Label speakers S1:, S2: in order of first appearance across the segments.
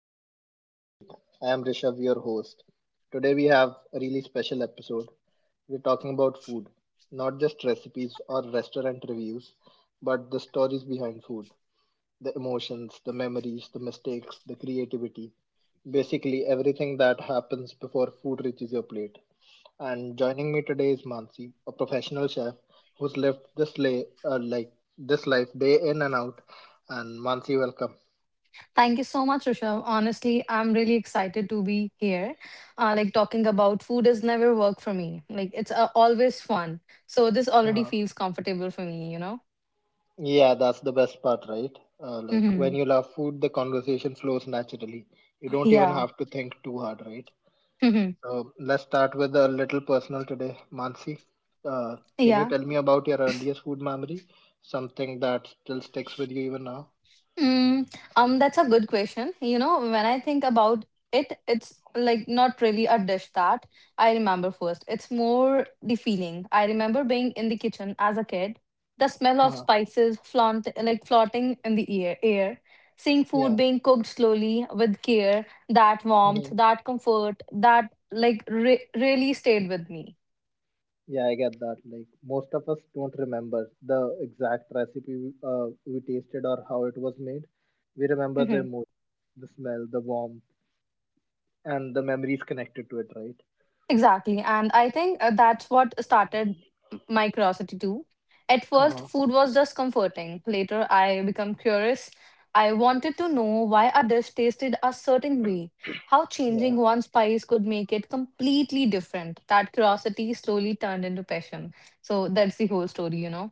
S1: back to Beyond the Plate. I am Rishabh, your host. Today we have a really special episode. We're talking about food, not just recipes or restaurant reviews, but the stories behind food, the emotions, the memories, the mistakes, the creativity. Basically, everything that happens before food reaches your plate. And joining me today is Mansi, a professional chef who's lived this life day in and out. And Mansi, welcome.
S2: Thank you so much, Rishabh. Honestly, I'm really excited to be here. Like talking about food has never worked for me. Like it's always fun. So this already feels comfortable for me, you know?
S1: Yeah, that's the best part, right? Like
S2: Hmm.
S1: when you love food, the conversation flows naturally. You don't
S2: Yeah.
S1: even have to think too hard, right?
S2: Hmm.
S1: So let's start with a little personal today. Mansi, uh, can
S2: Yeah.
S1: you tell me about your earliest food memory? Something that still sticks with you even now?
S2: Mm, that's a good question. You know, when I think about it, it's like not really a dish that I remember first. It's more the feeling. I remember being in the kitchen as a kid, the smell of
S1: Uh,
S2: spices flaunt like floating in the air, seeing food
S1: yeah.
S2: being cooked slowly with care, that warmth,
S1: Hmm.
S2: that comfort, that like re really stayed with me.
S1: Yeah, I get that. Like most of us don't remember the exact recipe we tasted or how it was made. We remember the emotion, the smell, the warmth, and the memories connected to it, right?
S2: Exactly. And I think that's what started my curiosity too. At first,
S1: Uh-huh.
S2: food was just comforting. Later, I became curious. I wanted to know why a dish tasted a certain way, how
S1: Yeah,
S2: changing one spice could make it completely different. That curiosity slowly turned into passion. So that's the whole story, you know.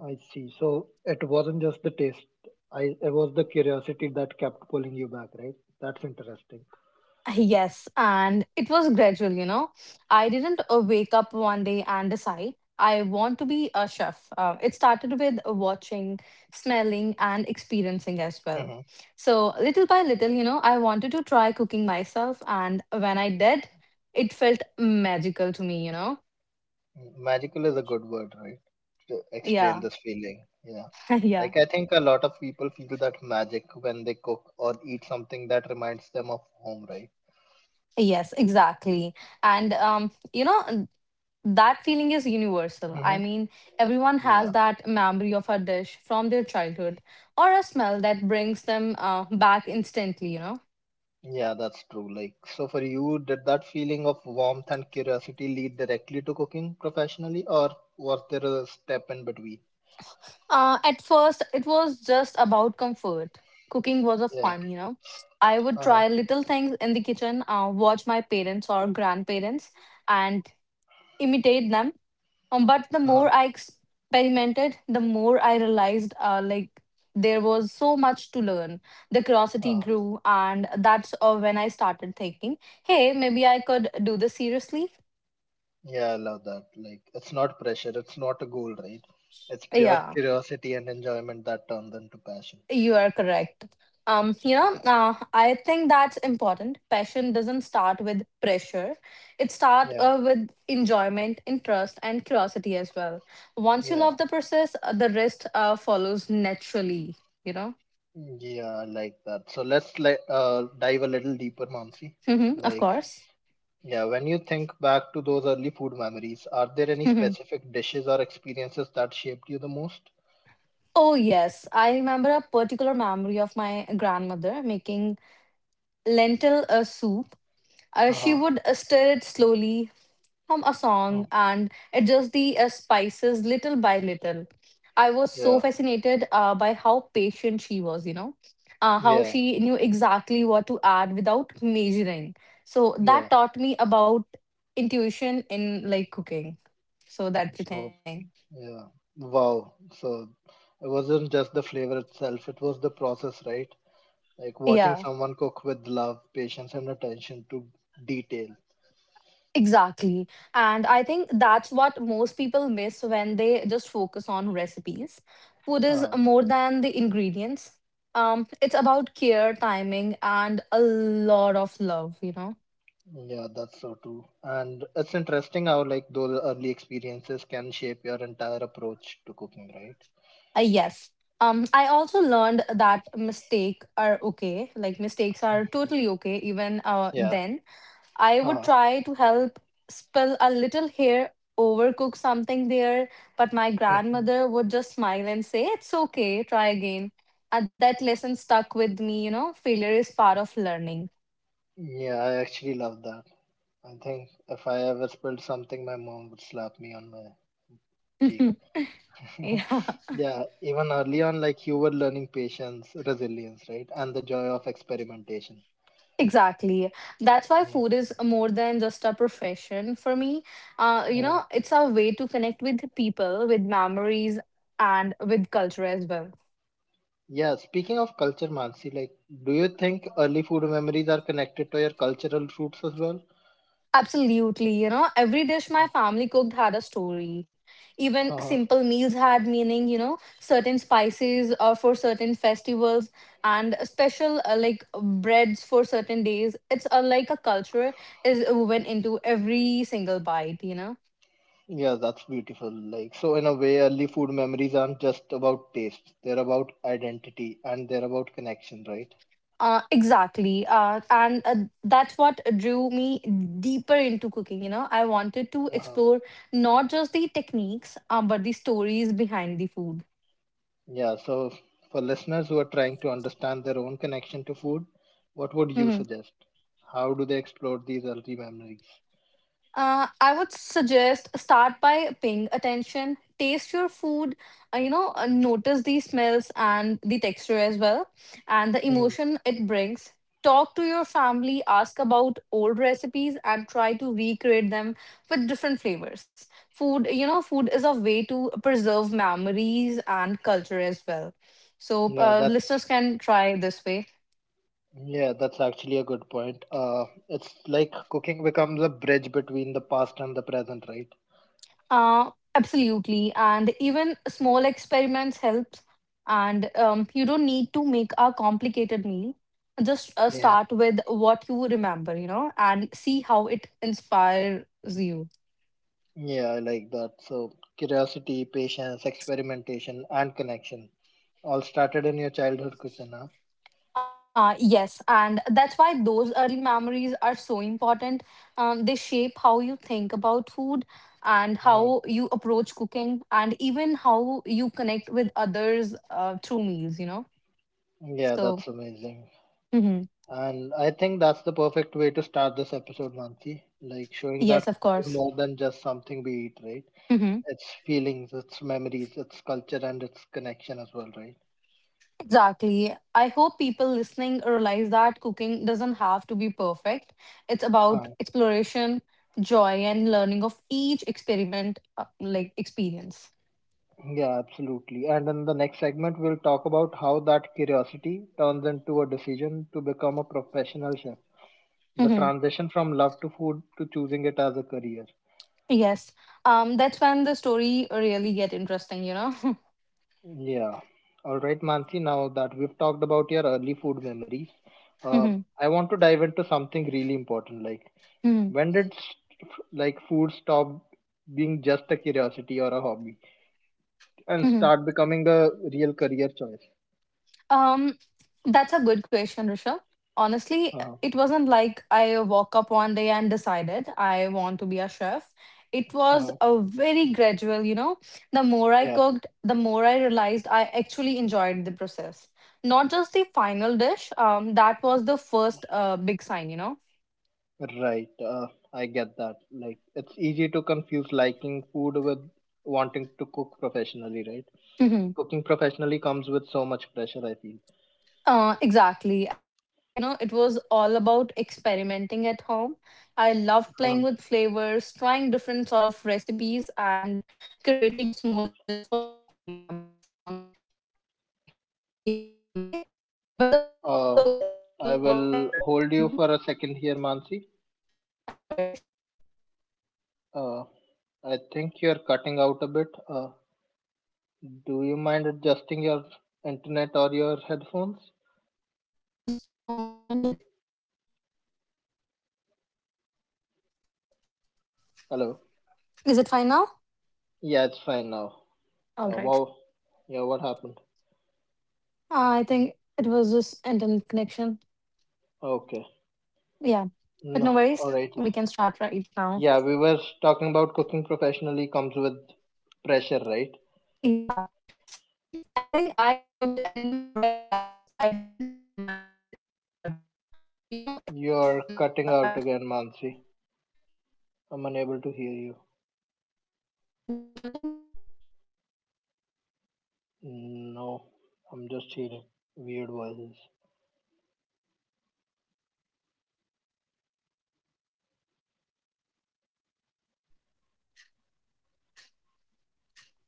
S1: I see. So it wasn't just the taste. I It was the curiosity that kept pulling you back, right? That's interesting.
S2: Yes, and it was gradual, you know. I didn't wake up one day and decide I want to be a chef. It started with watching, smelling, and experiencing as well.
S1: Hmm.
S2: So, little by little, you know, I wanted to try cooking myself, and when I did, it felt magical to me, you know.
S1: Magical is a good word, right? To explain
S2: Yeah,
S1: this feeling. Yeah.
S2: yeah.
S1: Like, I think a lot of people feel that magic when they cook or eat something that reminds them of home, right?
S2: Yes, exactly. And you know, that feeling is universal. I
S1: Mm-hmm.
S2: mean, everyone has
S1: Yeah.
S2: that memory of a dish from their childhood or a smell that brings them back instantly, you know.
S1: Yeah, that's true. Like, so for you, did that feeling of warmth and curiosity lead directly to cooking professionally, or was there a step in between?
S2: At first, it was just about comfort. Cooking was a
S1: Yeah.
S2: fun, you know. I would
S1: Uh-huh.
S2: try little things in the kitchen, watch my parents or grandparents, and imitate them. But the
S1: Uh-huh.
S2: more I experimented, the more I realized there was so much to learn. The curiosity
S1: Uh-huh.
S2: grew, and that's when I started thinking, hey, maybe I could do this seriously.
S1: Yeah, I love that. Like, it's not pressure, it's not a goal, right? It's pure
S2: Yeah,
S1: curiosity and enjoyment that turns into passion.
S2: you are correct. I think that's important. Passion doesn't start with pressure. It starts
S1: Yeah,
S2: uh, with enjoyment, interest, and curiosity as well. Once you
S1: yeah,
S2: love the process, the rest follows naturally, you know?
S1: yeah, I like that. So let's dive a little deeper, Mamsi.
S2: Hmm. Of
S1: Like,
S2: course.
S1: yeah, when you think back to those early food memories, are there any
S2: Mhm.
S1: specific dishes or experiences that shaped you the most?
S2: Oh, yes. I remember a particular memory of my grandmother making lentil soup. Uh, she
S1: Uh-huh.
S2: would uh, stir it slowly, hum a song,
S1: Oh,
S2: and adjust the spices little by little. I was so
S1: yeah,
S2: fascinated by how patient she was, you know, how
S1: yeah,
S2: she knew exactly what to add without measuring. So that
S1: yeah.
S2: taught me about intuition in cooking. So that's the
S1: So,
S2: thing.
S1: yeah. Wow. So it wasn't just the flavor itself, it was the process, right? Like watching
S2: Yeah.
S1: someone cook with love, patience, and attention to detail.
S2: Exactly. And I think that's what most people miss when they just focus on recipes. Food is
S1: Uh,
S2: more than the ingredients. It's about care, timing, and a lot of love, you know.
S1: yeah, that's so true. And it's interesting how like those early experiences can shape your entire approach to cooking, right?
S2: Yes. I also learned that mistake are okay. Like mistakes are totally okay even
S1: Yeah.
S2: then. I would
S1: Uh,
S2: try to help spill a little here, overcook something there, but my
S1: mhm.
S2: grandmother would just smile and say, It's okay, try again. And that lesson stuck with me, you know, failure is part of learning.
S1: Yeah, I actually love that. I think if I ever spilled something, my mom would slap me on my cheek.
S2: Yeah,
S1: Yeah, even early on, like you were learning patience, resilience, right? And the joy of experimentation.
S2: exactly. That's why
S1: Yeah.
S2: food is more than just a profession for me.
S1: Uh-huh.
S2: It's a way to connect with people, with memories, and with culture as well.
S1: Yeah, speaking of culture, Mansi, like, do you think early food memories are connected to your cultural roots as well?
S2: Absolutely. You know, every dish my family cooked had a story. Even
S1: Uh-huh.
S2: simple meals had meaning, you know, certain spices or for certain festivals and special breads for certain days. It's like a culture is woven into every single bite, you know.
S1: Yeah, that's beautiful. Like, so in a way, early food memories aren't just about taste, they're about identity and they're about connection, right?
S2: Exactly. And that's what drew me deeper into cooking, you know. I wanted to
S1: Uh-huh.
S2: explore not just the techniques, but the stories behind the food.
S1: Yeah, so for listeners who are trying to understand their own connection to food, what would you
S2: Mm-hmm.
S1: suggest? How do they explore these early memories?
S2: I would suggest start by paying attention, taste your food, notice the smells and the texture as well, and the
S1: Mhm.
S2: emotion it brings. Talk to your family, ask about old recipes, and try to recreate them with different flavors. Food, you know, food is a way to preserve memories and culture as well. So,
S1: Yeah,
S2: listeners
S1: that's
S2: can try this way.
S1: Yeah, that's actually a good point. It's like cooking becomes a bridge between the past and the present, right?
S2: Absolutely. And even small experiments helps. And you don't need to make a complicated meal. Just
S1: Yeah,
S2: start with what you remember, you know, and see how it inspires you.
S1: yeah, I like that. So, curiosity, patience, experimentation, and connection all started in your childhood kitchen, huh?
S2: Yes, and that's why those early memories are so important. They shape how you think about food and
S1: Wow.
S2: how you approach cooking and even how you connect with others through meals, you know.
S1: Yeah,
S2: So,
S1: that's amazing.
S2: mhm.
S1: And I think that's the perfect way to start this episode, Mansi. Like showing that
S2: Yes, of
S1: food is
S2: course.
S1: more than just something we eat, right?
S2: Mhm.
S1: It's feelings, it's memories, it's culture, and it's connection as well, right?
S2: Exactly. I hope people listening realize that cooking doesn't have to be perfect. It's about exploration, joy, and learning of each experiment, like experience.
S1: Yeah, absolutely. And in the next segment, we'll talk about how that curiosity turns into a decision to become a professional chef. The
S2: Hmm.
S1: transition from love to food to choosing it as a career.
S2: Yes. That's when the story really get interesting, you know.
S1: Yeah. All right, Mansi, now that we've talked about your early food memories, uh,
S2: Mhm.
S1: I want to dive into something really important. Like,
S2: Mhm.
S1: when did like food stop being just a curiosity or a hobby and
S2: Mhm.
S1: start becoming a real career choice?
S2: Um, That's a good question, Risha. Honestly,
S1: Uh-huh.
S2: it wasn't like I woke up one day and decided I want to be a chef. It was
S1: Uh-huh.
S2: a very gradual, you know. The more I
S1: Yeah.
S2: cooked, the more I realized I actually enjoyed the process. Not just the final dish, that was the first big sign, you
S1: Right, I get that. Like, it's easy to confuse liking food with wanting to cook professionally, right?
S2: know.
S1: Cooking professionally comes with so much pressure, I feel.
S2: Exactly. At first, you know, it was all about experimenting at home. I loved
S1: Uh,
S2: playing with flavors, trying different sort of recipes, and creating small dishes for my family members. It might be a cake or something. But the more I
S1: Uh,
S2: cooked, the
S1: I
S2: more I.
S1: will
S2: Re-
S1: hold you
S2: mm-hmm.
S1: for a second here, Mansi.
S2: No worries.
S1: Uh, I think you're cutting out a bit. Do you mind adjusting your internet or your headphones?
S2: Just allow me a moment. Let me check.
S1: Hello?
S2: Is it fine now?
S1: Yeah, it's fine now.
S2: All right.
S1: Wow. Yeah, what happened?
S2: I think it was just internet connection.
S1: Okay.
S2: Yeah, but
S1: No,
S2: no worries.
S1: alright.
S2: We can start right now.
S1: Yeah, we were talking about cooking professionally comes with pressure, right?
S2: Yeah. I think I cooked, and the more I realized, I didn't mind the hard work. You know, it takes
S1: You're
S2: long
S1: cutting out
S2: hours.
S1: again, Mansi. I'm unable to hear you.
S2: It's again cutting.
S1: No, I'm just hearing
S2: Is
S1: weird
S2: it fine
S1: voices.
S2: now?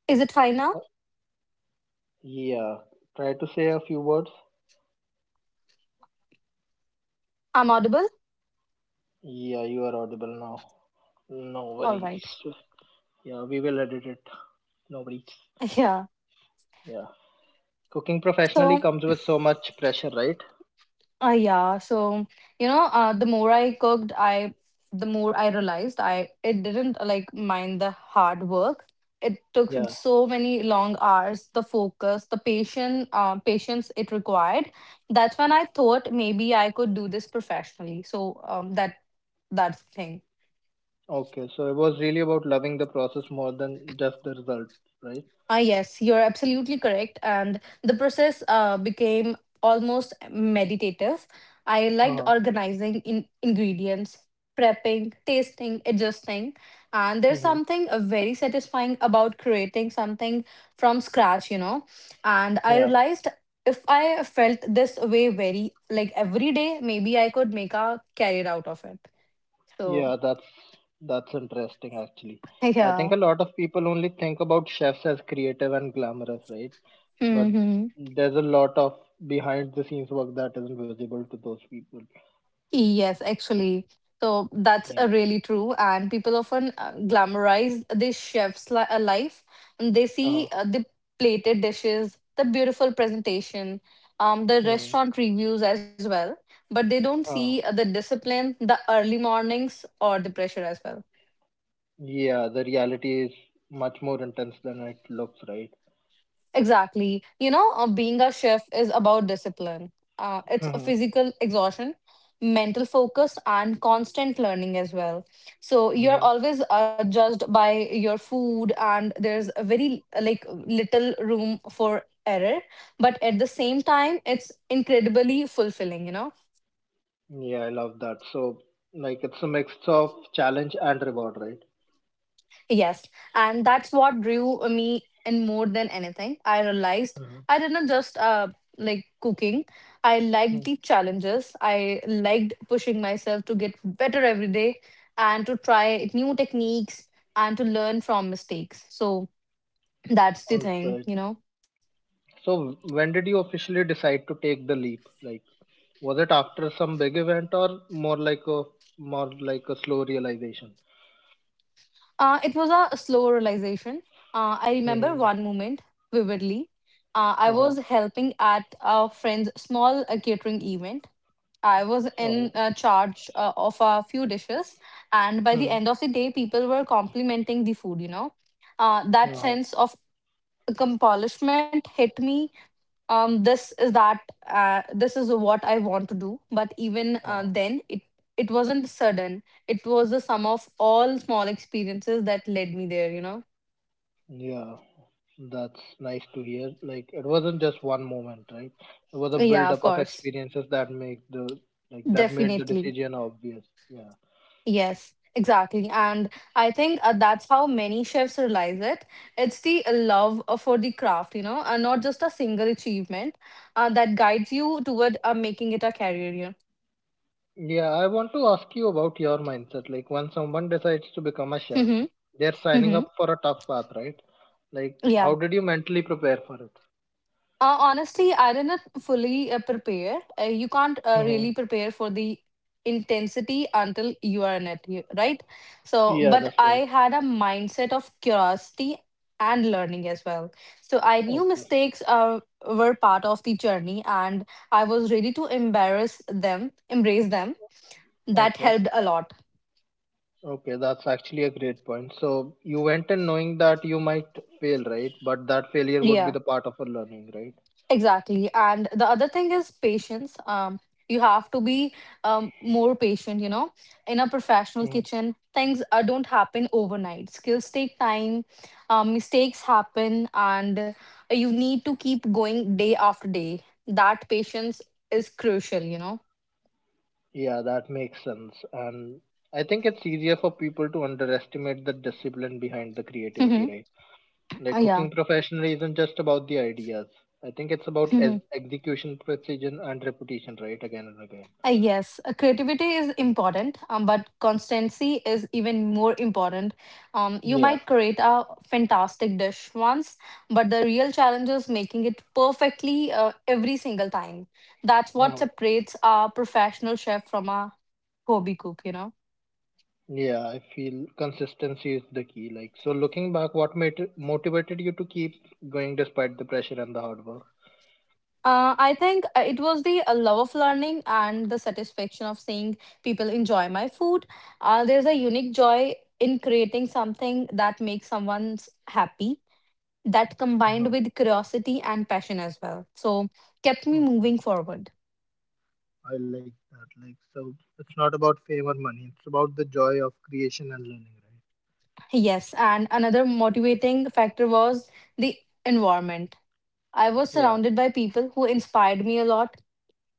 S2: Is it fine now?
S1: Uh, Yeah, try to say a few words.
S2: I'm audible?
S1: Yeah, you are audible now. No
S2: All right.
S1: worries. Yeah, we will edit it. No worries.
S2: Yeah.
S1: Yeah. Cooking
S2: So
S1: professionally comes with so much pressure, right?
S2: Uh, yeah, so the more I cooked, I the more I realized I it didn't mind the hard work. It took
S1: Yeah.
S2: so many long hours, the focus, the patience it required. That's when I thought maybe I could do this professionally. So that's the thing.
S1: Okay, so it was really about loving the process more than just the result, right?
S2: Ah, yes, you're absolutely correct. And the process became almost meditative. I liked
S1: Uh-huh.
S2: organizing in ingredients, prepping, tasting, adjusting. And there's
S1: Mm-hmm.
S2: something very satisfying about creating something from scratch, you know. And I
S1: Yeah,
S2: realized if I felt this way very, like every day, maybe I could make a career out of it. So,
S1: yeah, that's interesting actually. I think
S2: yeah.
S1: a lot of people only think about chefs as creative and glamorous, right? But
S2: Hmm.
S1: there's a lot of behind the scenes work that isn't visible to those people.
S2: Yes, actually. So that's
S1: Yeah.
S2: really true. And people often glamorize this chef's life. And they
S1: Uh,
S2: see the plated dishes, the beautiful presentation, the
S1: mm,
S2: restaurant reviews as well. But they don't
S1: uh,
S2: see the discipline, the early mornings, or the pressure as well.
S1: yeah, the reality is much more intense than it looks, right?
S2: Exactly. You know, being a chef is about discipline. It's a
S1: Mhm,
S2: physical exhaustion, mental focus, and constant learning as well. So you're
S1: mhm.
S2: always judged by your food, and there's a very little room for error. But at the same time, it's incredibly fulfilling. You know.
S1: Yeah, I love that. So, like, it's a mix of challenge and reward, right?
S2: Yes, and that's what drew me in more than anything. I realized
S1: Mm-hmm.
S2: I didn't just like cooking. I
S1: Hmm.
S2: liked the challenges. I liked pushing myself to get better every day and to try new techniques and to learn from mistakes. So that's the
S1: All
S2: thing,
S1: right.
S2: you know.
S1: So when did you officially decide to take the leap? Like, was it after some big event or more like a slow realization?
S2: It was a slow realization. I remember
S1: Mm-hmm.
S2: one moment vividly. I
S1: Uh-huh.
S2: was helping at a friend's small catering event. I was
S1: Uh-huh.
S2: in charge of a few dishes, and by
S1: Mm-hmm.
S2: the end of the day, people were complimenting the food. You know, that
S1: Uh-huh.
S2: sense of accomplishment hit me. This is that. This is what I want to do. But even
S1: Uh-huh.
S2: then, it wasn't sudden. It was the sum of all small experiences that led me there. You know.
S1: Yeah, that's nice to hear. Like, it wasn't just one moment, right? It was a
S2: Yeah, of
S1: build-up of
S2: course,
S1: experiences that make the like that made the
S2: definitely.
S1: decision obvious. Yeah.
S2: Yes, exactly. And I think that's how many chefs realize it. It's the love for the craft, you know, not just a single achievement that guides you toward making it a career. You
S1: Yeah, I want to ask you about your mindset. Like when someone decides to become a
S2: know?
S1: chef,
S2: Hmm.
S1: they're signing
S2: Hmm.
S1: up for a tough path, right? Like how
S2: Yeah.
S1: did you mentally prepare for it?
S2: Honestly, I didn't fully prepare. You can't
S1: Mm-hmm.
S2: really prepare for the intensity until you are in it, you- right? So,
S1: Yeah,
S2: but
S1: that's
S2: I
S1: right.
S2: had a mindset of curiosity and learning as well. So I knew
S1: Okay.
S2: mistakes were part of the journey, and I was ready to embrace them. That
S1: Okay.
S2: helped a lot.
S1: Okay, that's actually a great point. So you went in knowing that you might fail, right? But that failure would be
S2: Yeah.
S1: the part of a learning, right?
S2: Exactly. And the other thing is patience. You have to be more patient, you know. In a
S1: Hmm.
S2: professional kitchen, things don't happen overnight. Skills take time, mistakes happen, and you need to keep going day after day. That patience is crucial, you know.
S1: Yeah, that makes sense. And I think it's easier for people to underestimate the discipline behind the
S2: Mm-hmm.
S1: creativity, right? Like
S2: Yeah.
S1: cooking professional isn't just about the ideas. I think it's about execution, precision, and reputation, right? Again and again.
S2: Yes, creativity is important, but constancy is even more important. You
S1: Yeah.
S2: might create a fantastic dish once, but the real challenge is making it perfectly every single time. That's what
S1: Uh,
S2: separates a professional chef from a hobby cook.
S1: yeah, I feel consistency is the key. Like, so looking back, what motivated you to keep going despite the pressure and the hard work?
S2: I think it was the love of learning and the satisfaction of seeing people enjoy my food. There's a unique joy in creating something that makes someone happy, that combined
S1: Uh-huh.
S2: with curiosity and passion as well. So kept me
S1: Okay,
S2: moving forward.
S1: I like that. Like, so it's not about fame or money, it's about the joy of creation and learning, right?
S2: Yes, and another motivating factor was the environment. I was
S1: Yeah.
S2: surrounded by people who inspired me a lot,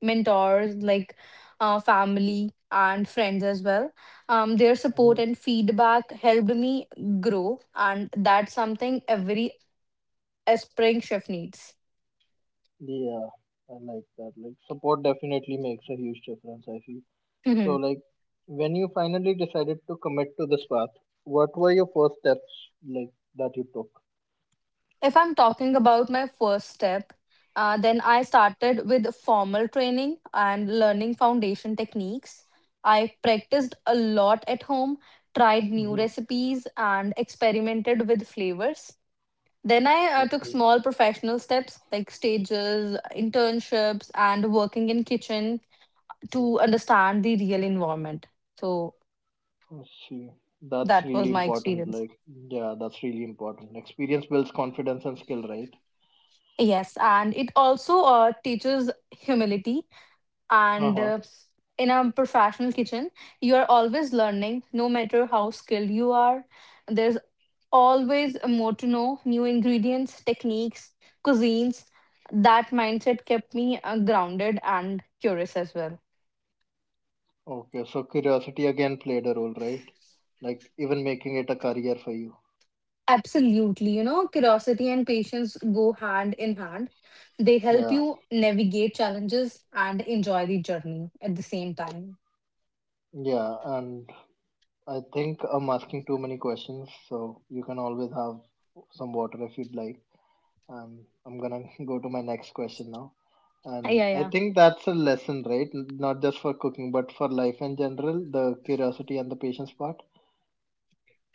S2: mentors like family and friends as well. Their support
S1: Hmm.
S2: and feedback helped me grow, and that's something every aspiring chef needs.
S1: Yeah. I like that. Like, support definitely makes a huge difference, I feel. So, like, when you finally decided to commit to this path, what were your first steps like that you took?
S2: If I'm talking about my first step, then I started with formal training and learning foundation techniques. I practiced a lot at home, tried new
S1: Mm-hmm.
S2: recipes, and experimented with flavors. Then I
S1: I
S2: took
S1: see.
S2: small professional steps like stages, internships, and working in kitchen to understand the real environment. So
S1: I see. That's
S2: that
S1: really
S2: was my
S1: important.
S2: experience.
S1: Yeah, that's really important. Experience builds confidence and skill, right?
S2: Yes, and it also teaches humility,
S1: Uh
S2: and
S1: huh.
S2: in a professional kitchen you are always learning, no matter how skilled you are. There's always more to know: new ingredients, techniques, cuisines. That mindset kept me grounded and curious as well.
S1: Okay, so curiosity again played a role, right? Like, even making it a career for you.
S2: Absolutely. Curiosity and patience go hand in hand. They help
S1: Yeah,
S2: you navigate challenges and enjoy the journey at the same time.
S1: yeah, and I think I'm asking too many questions, so you can always have some water if you'd like. And I'm gonna go to my next question now. And
S2: Yeah,
S1: I
S2: yeah.
S1: think that's a lesson, right? Not just for cooking, but for life in general, the curiosity and the patience part.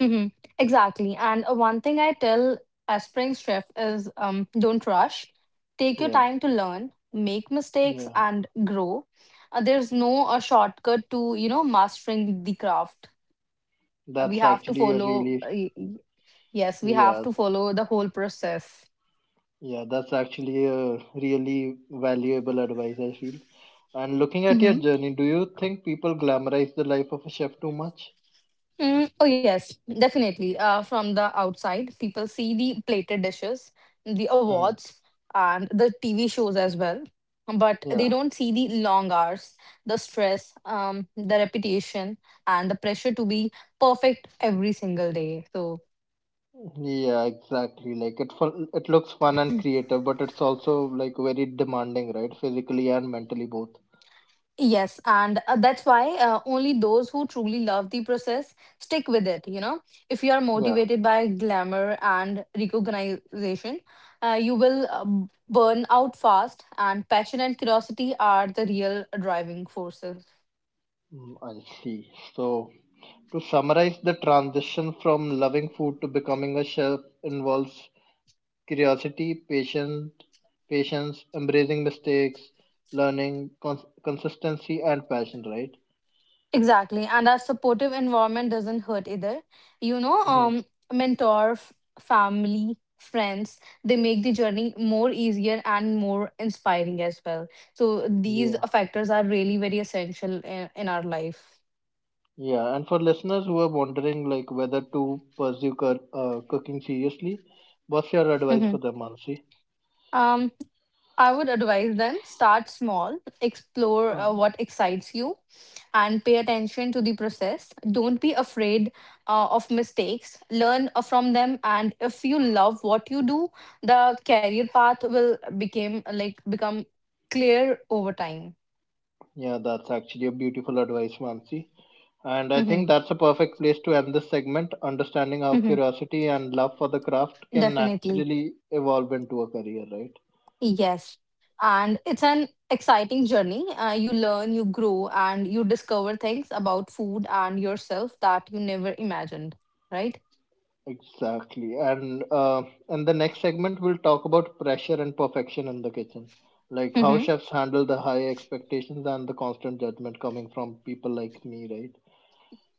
S2: Mm-hmm. Exactly. And one thing I tell aspiring chef is don't rush. Take your
S1: Yeah,
S2: time to learn, make mistakes,
S1: yeah.
S2: and grow. There's no a shortcut to mastering the craft. We
S1: That's
S2: have to
S1: actually a
S2: follow.
S1: really,
S2: Yes, we have
S1: yeah,
S2: to follow the whole process.
S1: yeah, that's actually a really valuable advice, I feel. And looking at your journey, do you think people glamorize the life of a chef too much?
S2: Mm, oh, yes, definitely. From the outside, people see the plated dishes, the
S1: Mhm.
S2: awards, and the TV shows as well. But
S1: Yeah,
S2: they don't see the long hours, the stress, the reputation, and the pressure to be perfect every single day. So
S1: yeah, exactly. Like it fun, it looks fun and creative, but it's also like very demanding, right? Physically and mentally both.
S2: yes, and that's why only those who truly love the process stick with it. If you are
S1: Yeah,
S2: motivated by glamour and recognition, you will burn out fast, and passion and curiosity are the real driving forces.
S1: I see. So to summarize, the transition from loving food to becoming a chef involves curiosity, patience, embracing mistakes, learning, consistency, and passion. Right?
S2: Exactly, and our supportive environment doesn't hurt either. You know,
S1: Hmm.
S2: um, Mentor, family, friends, they make the journey more easier and more inspiring as well. So these
S1: Yeah,
S2: factors are really very essential in our life.
S1: yeah. And for listeners who are wondering, like whether to pursue cooking seriously, what's your advice for
S2: Mhm.
S1: them, Mansi?
S2: Um, I would advise them start small, explore
S1: Um,
S2: what excites you, and pay attention to the process. Don't be afraid of mistakes. Learn from them, and if you love what you do, the career path will become clear over time.
S1: yeah, that's actually a beautiful advice, Mansi. And I
S2: Hmm.
S1: think that's a perfect place to end this segment, understanding how
S2: Hmm.
S1: curiosity and love for the craft can
S2: Definitely,
S1: naturally evolve into a career, right?
S2: yes. And it's an exciting journey. You learn, you grow, and you discover things about food and yourself that you never imagined. Right.
S1: Exactly. And in the next segment, we'll talk about pressure and perfection in the kitchen, like how chefs handle the high expectations and the constant judgment coming from people like me, right?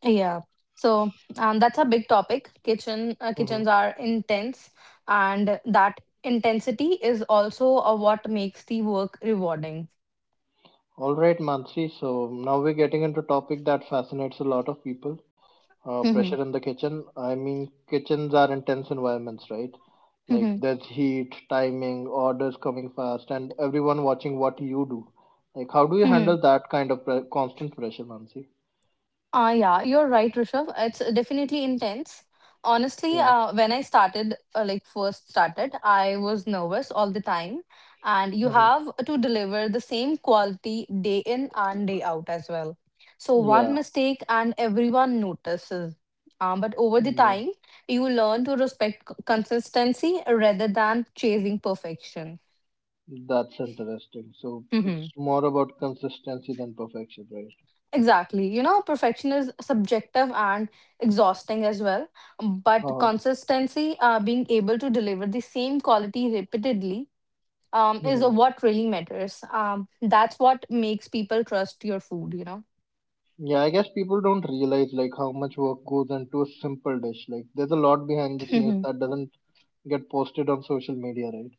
S2: Yeah. So that's a big topic. Kitchen uh,
S1: Mm-hmm.
S2: kitchens are intense, and that intensity is also what makes the work rewarding.
S1: All right, Mansi. So now we're getting into a topic that fascinates a lot of people.
S2: Mm-hmm.
S1: Pressure in the kitchen. I mean, kitchens are intense environments, right? Like
S2: Mm-hmm.
S1: there's heat, timing, orders coming fast, and everyone watching what you do. Like, how do you
S2: Mm-hmm.
S1: handle that kind of constant pressure, Mansi?
S2: Yeah, you're right, Rishabh. It's definitely intense. Honestly,
S1: Yeah.
S2: when I started, first started, I was nervous all the time. And you
S1: Hmm.
S2: have to deliver the same quality day in and day out as well. So one
S1: Yeah.
S2: mistake and everyone notices. But over the
S1: Yeah.
S2: time, you learn to respect consistency rather than chasing perfection.
S1: That's interesting. So
S2: Mm-hmm.
S1: it's more about consistency than perfection, right?
S2: Exactly. Perfection is subjective and exhausting as well. But
S1: Uh,
S2: consistency, being able to deliver the same quality repeatedly, is
S1: hmm.
S2: what really matters. That's what makes people trust your food.
S1: Yeah, I guess people don't realize like how much work goes into a simple dish. Like, there's a lot behind the scenes that doesn't get posted on social media, right?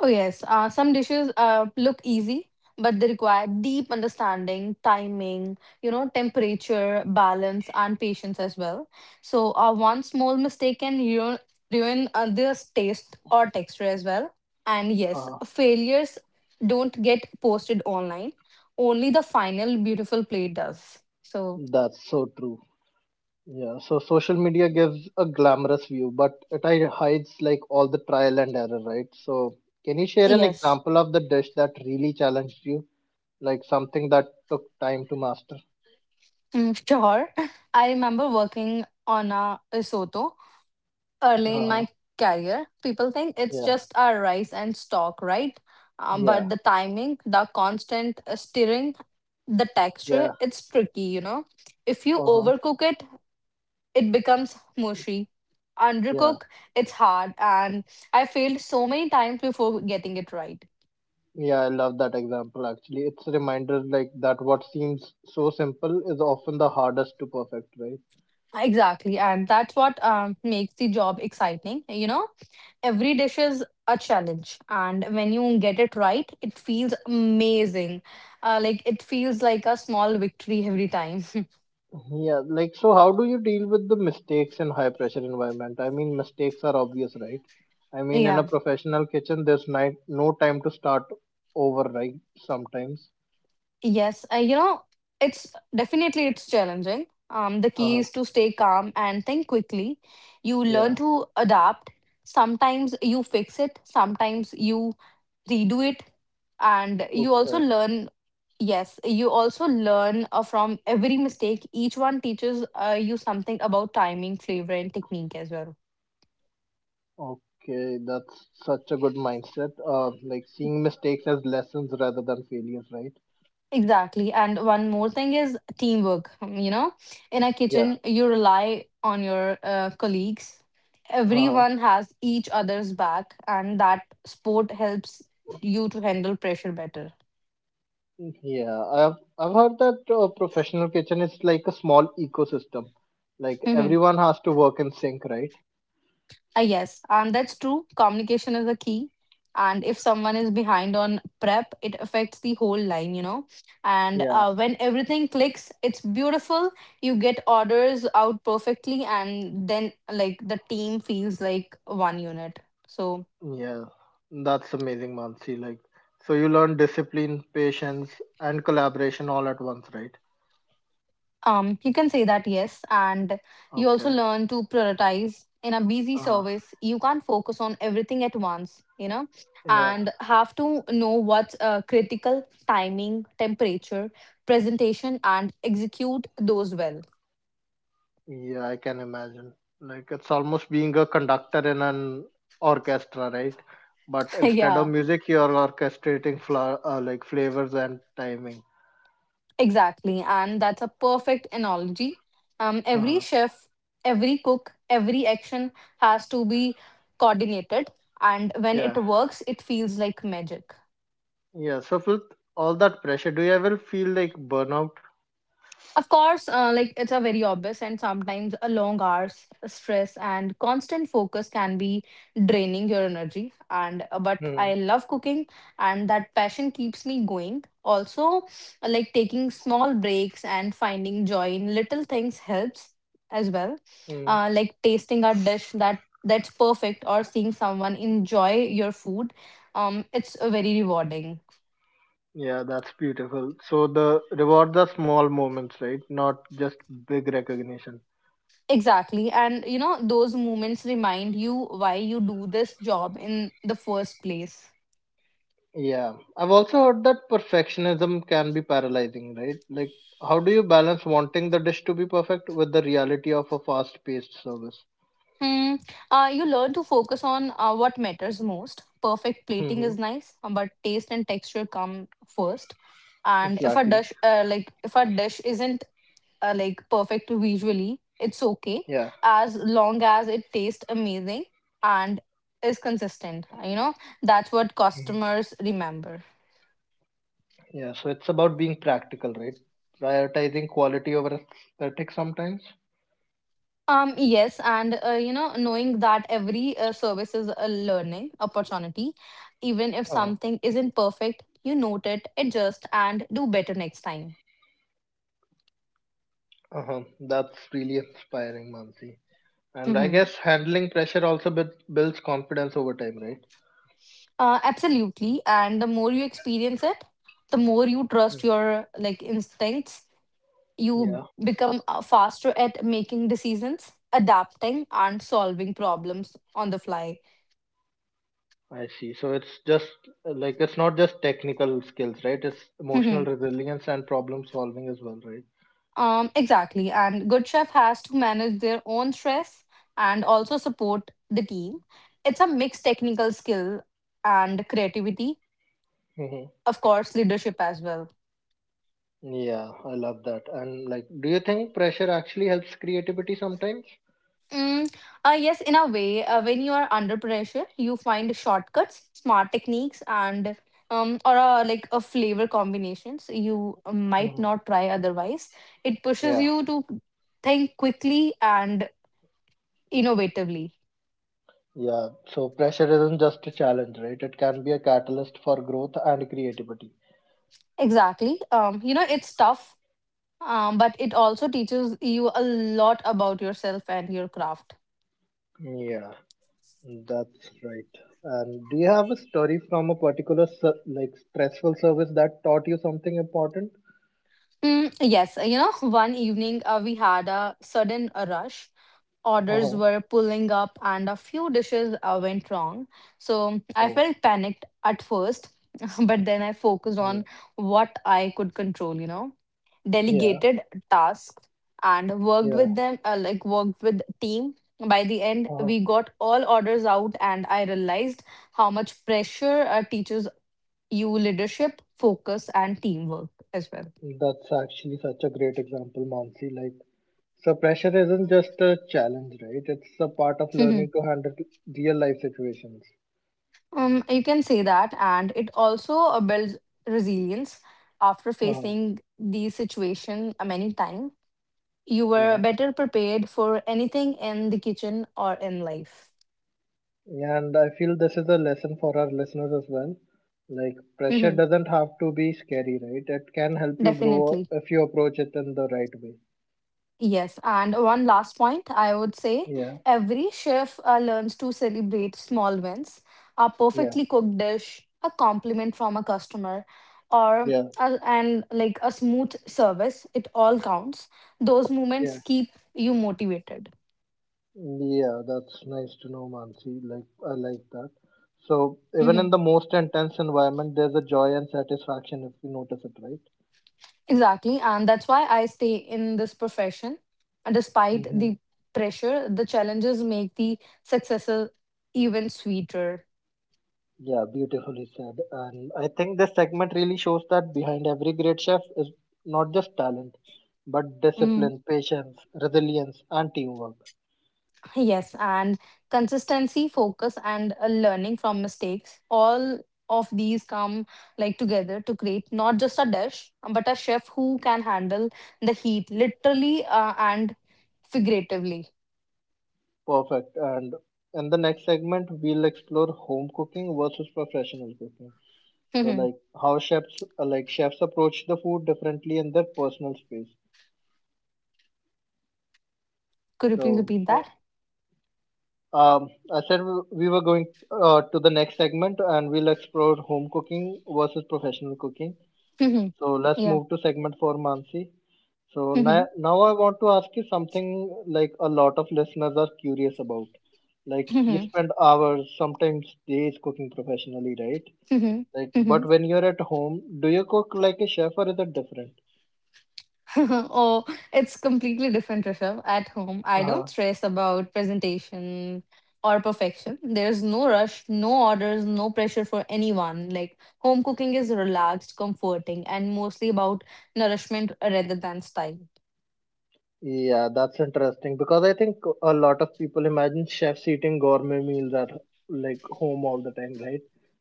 S2: Oh, yes. Some dishes look easy, but they require deep understanding, timing, temperature, balance, and patience as well. So, one small mistake can ruin this taste or texture as well. And yes,
S1: Uh-huh.
S2: failures don't get posted online, only the final beautiful plate does. So,
S1: That's so true. Yeah, so social media gives a glamorous view, but it hides like all the trial and error, right? So, can you share an
S2: yes,
S1: example of the dish that really challenged you? Like something that took time to master?
S2: mm, sure. I remember working on a risotto early in
S1: Uh-huh.
S2: my career, people think it's
S1: Yeah,
S2: just our rice and stock, right?
S1: yeah,
S2: But the timing, the constant stirring, the texture,
S1: yeah,
S2: it's tricky. If you
S1: uh-huh,
S2: overcook it, it becomes mushy.
S1: yeah.
S2: Undercook, it's hard, and I failed so many times before getting it right.
S1: Yeah, I love that example actually. It's a reminder like that what seems so simple is often the hardest to perfect, right?
S2: Exactly, and that's what makes the job exciting. Every dish is a challenge, and when you get it right it feels amazing. It feels like a small victory every time.
S1: Yeah, like so how do you deal with the mistakes in high pressure environment? I mean mistakes are obvious, right? I mean in a
S2: Yeah.
S1: professional kitchen there's night no time to start over, right? Sometimes.
S2: Yes, it's definitely, it's challenging. The key
S1: Uh,
S2: is to stay calm and think quickly. You
S1: yeah.
S2: learn to adapt. Sometimes you fix it, sometimes you redo it, and you also
S1: Okay.
S2: learn. Yes, you also learn from every mistake. Each one teaches you something about timing, flavor, and technique as well.
S1: Okay, that's such a good mindset. Like seeing mistakes as lessons rather than failures, right?
S2: Exactly. And one more thing is teamwork. In a
S1: Yeah.
S2: kitchen, you rely on your colleagues.
S1: Uh,
S2: Everyone has each other's back, and that sport helps you to handle pressure better.
S1: yeah. I've heard that professional kitchen is like a small ecosystem. Like everyone has to work in sync, right?
S2: Yes, and that's true. Communication is a key. And if someone is behind on prep, it affects the whole line. And
S1: Yeah.
S2: when everything clicks, it's beautiful. You get orders out perfectly, and then like the team feels like one unit. So
S1: Yeah, that's amazing, Mansi. Like, so you learn discipline, patience, and collaboration all at once, right?
S2: You can say that, yes. And you also
S1: Okay.
S2: learn to prioritize in a busy
S1: Uh,
S2: service. You can't focus on everything at once,
S1: yeah,
S2: and have to know what's critical: timing, temperature, presentation, and execute those well.
S1: yeah, I can imagine. Like, it's almost being a conductor in an orchestra, right? But instead of
S2: Yeah,
S1: music, you're orchestrating fla like flavors and timing.
S2: exactly. And that's a perfect analogy. Every
S1: Uh-huh.
S2: chef, every cook, every action has to be coordinated. And when it
S1: Yeah,
S2: works, it feels like magic.
S1: yeah. So with all that pressure, do you ever feel like burnout?
S2: Of course, it's a very obvious, and sometimes a long hours, stress, and constant focus can be draining your energy. And but
S1: Hmm.
S2: I love cooking, and that passion keeps me going. Also, taking small breaks and finding joy in little things helps as well.
S1: Hmm.
S2: Tasting a dish that's perfect, or seeing someone enjoy your food. It's very rewarding.
S1: Yeah, that's beautiful. So the reward the small moments, right? Not just big recognition.
S2: Exactly. And those moments remind you why you do this job in the first place.
S1: Yeah. I've also heard that perfectionism can be paralyzing, right? Like how do you balance wanting the dish to be perfect with the reality of a fast-paced service?
S2: Hmm. You learn to focus on what matters most. Perfect plating
S1: Hmm.
S2: is nice, but taste and texture come first. And
S1: Exactly.
S2: if a dish isn't perfect visually, it's okay
S1: Yeah.
S2: as long as it tastes amazing and is consistent. That's what
S1: Hmm.
S2: customers remember.
S1: Yeah, so it's about being practical, right? Prioritizing quality over aesthetic sometimes.
S2: Yes, and knowing that every service is a learning opportunity, even if
S1: Uh-huh.
S2: something isn't perfect, you note it, adjust, and do better next time.
S1: Uh-huh. That's really inspiring, Mansi. And I
S2: Hmm.
S1: guess handling pressure also builds confidence over time, right?
S2: Absolutely, and the more you experience it, the more you
S1: Mm,
S2: trust your like instincts. You
S1: yeah,
S2: become faster at making decisions, adapting, and solving problems on the fly.
S1: I see. So it's just like it's not just technical skills, right? It's emotional resilience and problem solving as well, right?
S2: Exactly. And Good Chef has to manage their own stress and also support the team. It's a mixed technical skill and creativity,
S1: Hmm.
S2: of course, leadership as well.
S1: Yeah, I love that. And like, do you think pressure actually helps creativity sometimes?
S2: Mm, yes, in a way, when you are under pressure, you find shortcuts, smart techniques, and or a flavor combinations you might
S1: Mhm.
S2: not try otherwise. It pushes
S1: Yeah,
S2: you to think quickly and innovatively.
S1: yeah. So pressure isn't just a challenge, right? It can be a catalyst for growth and creativity.
S2: Exactly. It's tough. But it also teaches you a lot about yourself and your craft.
S1: Yeah, that's right. And do you have a story from a particular like stressful service that taught you something important?
S2: Yes, one evening we had a sudden rush. Orders
S1: Uh-huh.
S2: were pulling up and a few dishes went wrong. So I
S1: Oh,
S2: felt panicked at first, but then I focused
S1: yeah.
S2: on what I could control,
S1: Yeah,
S2: delegated tasks and worked
S1: yeah.
S2: with them, worked with team. By the end,
S1: Uh,
S2: we got all orders out and I realized how much pressure teachers you leadership, focus, and teamwork as well.
S1: that's actually such a great example, Mansi. Like, so pressure isn't just a challenge, right? It's a part of
S2: Mhm.
S1: learning to handle real life situations.
S2: You can say that, and it also builds resilience after
S1: Uh,
S2: facing the situation many times. You were
S1: yeah.
S2: better prepared for anything in the kitchen or in life.
S1: And I feel this is a lesson for our listeners as well. Like, pressure
S2: Mhm.
S1: doesn't have to be scary, right? It can help you grow
S2: Definitely.
S1: if you approach it in the right way.
S2: Yes, and one last point I would say
S1: Yeah,
S2: every chef learns to celebrate small wins, a
S1: yeah,
S2: perfectly cooked dish, a compliment from a customer, or
S1: yeah,
S2: a, and like a smooth service. It all counts. Those moments
S1: yeah.
S2: keep you motivated.
S1: Yeah, that's nice to know, Mansi. Like, I like that. So, even
S2: Mhm.
S1: in the most intense environment, there's a joy and satisfaction if you notice it, right?
S2: Exactly, and that's why I stay in this profession. And despite
S1: Mm-hmm.
S2: the pressure, the challenges make the successes even sweeter.
S1: Yeah, beautifully said. And I think this segment really shows that behind every great chef is not just talent, but
S2: Mm.
S1: discipline, patience, resilience, and teamwork.
S2: Yes, and consistency, focus, and learning from mistakes. All of these come together to create not just a dish, but a chef who can handle the heat, literally and figuratively.
S1: Perfect. And in the next segment, we'll explore home cooking versus professional cooking. So,
S2: Could
S1: like how chefs, like chefs approach the food differently in their personal space.
S2: you please
S1: So,
S2: repeat that?
S1: I said we were going to the next segment and we'll explore home cooking versus professional cooking. So, let's
S2: Yeah.
S1: move to segment four, Mansi. So, now I want to ask you something like a lot of listeners are curious about. Like, you spend hours, sometimes days cooking professionally, right? Like, but when you're at home, do you cook like a chef or is it different?
S2: oh, it's completely different, Rishabh. At home, I
S1: Uh-huh.
S2: don't stress about presentation or perfection. There's no rush, no orders, no pressure for anyone. Like, home cooking is relaxed, comforting, and mostly about nourishment rather than style.
S1: Yeah, that's interesting because I think a lot of people imagine chefs eating gourmet meals at like home all the time, right?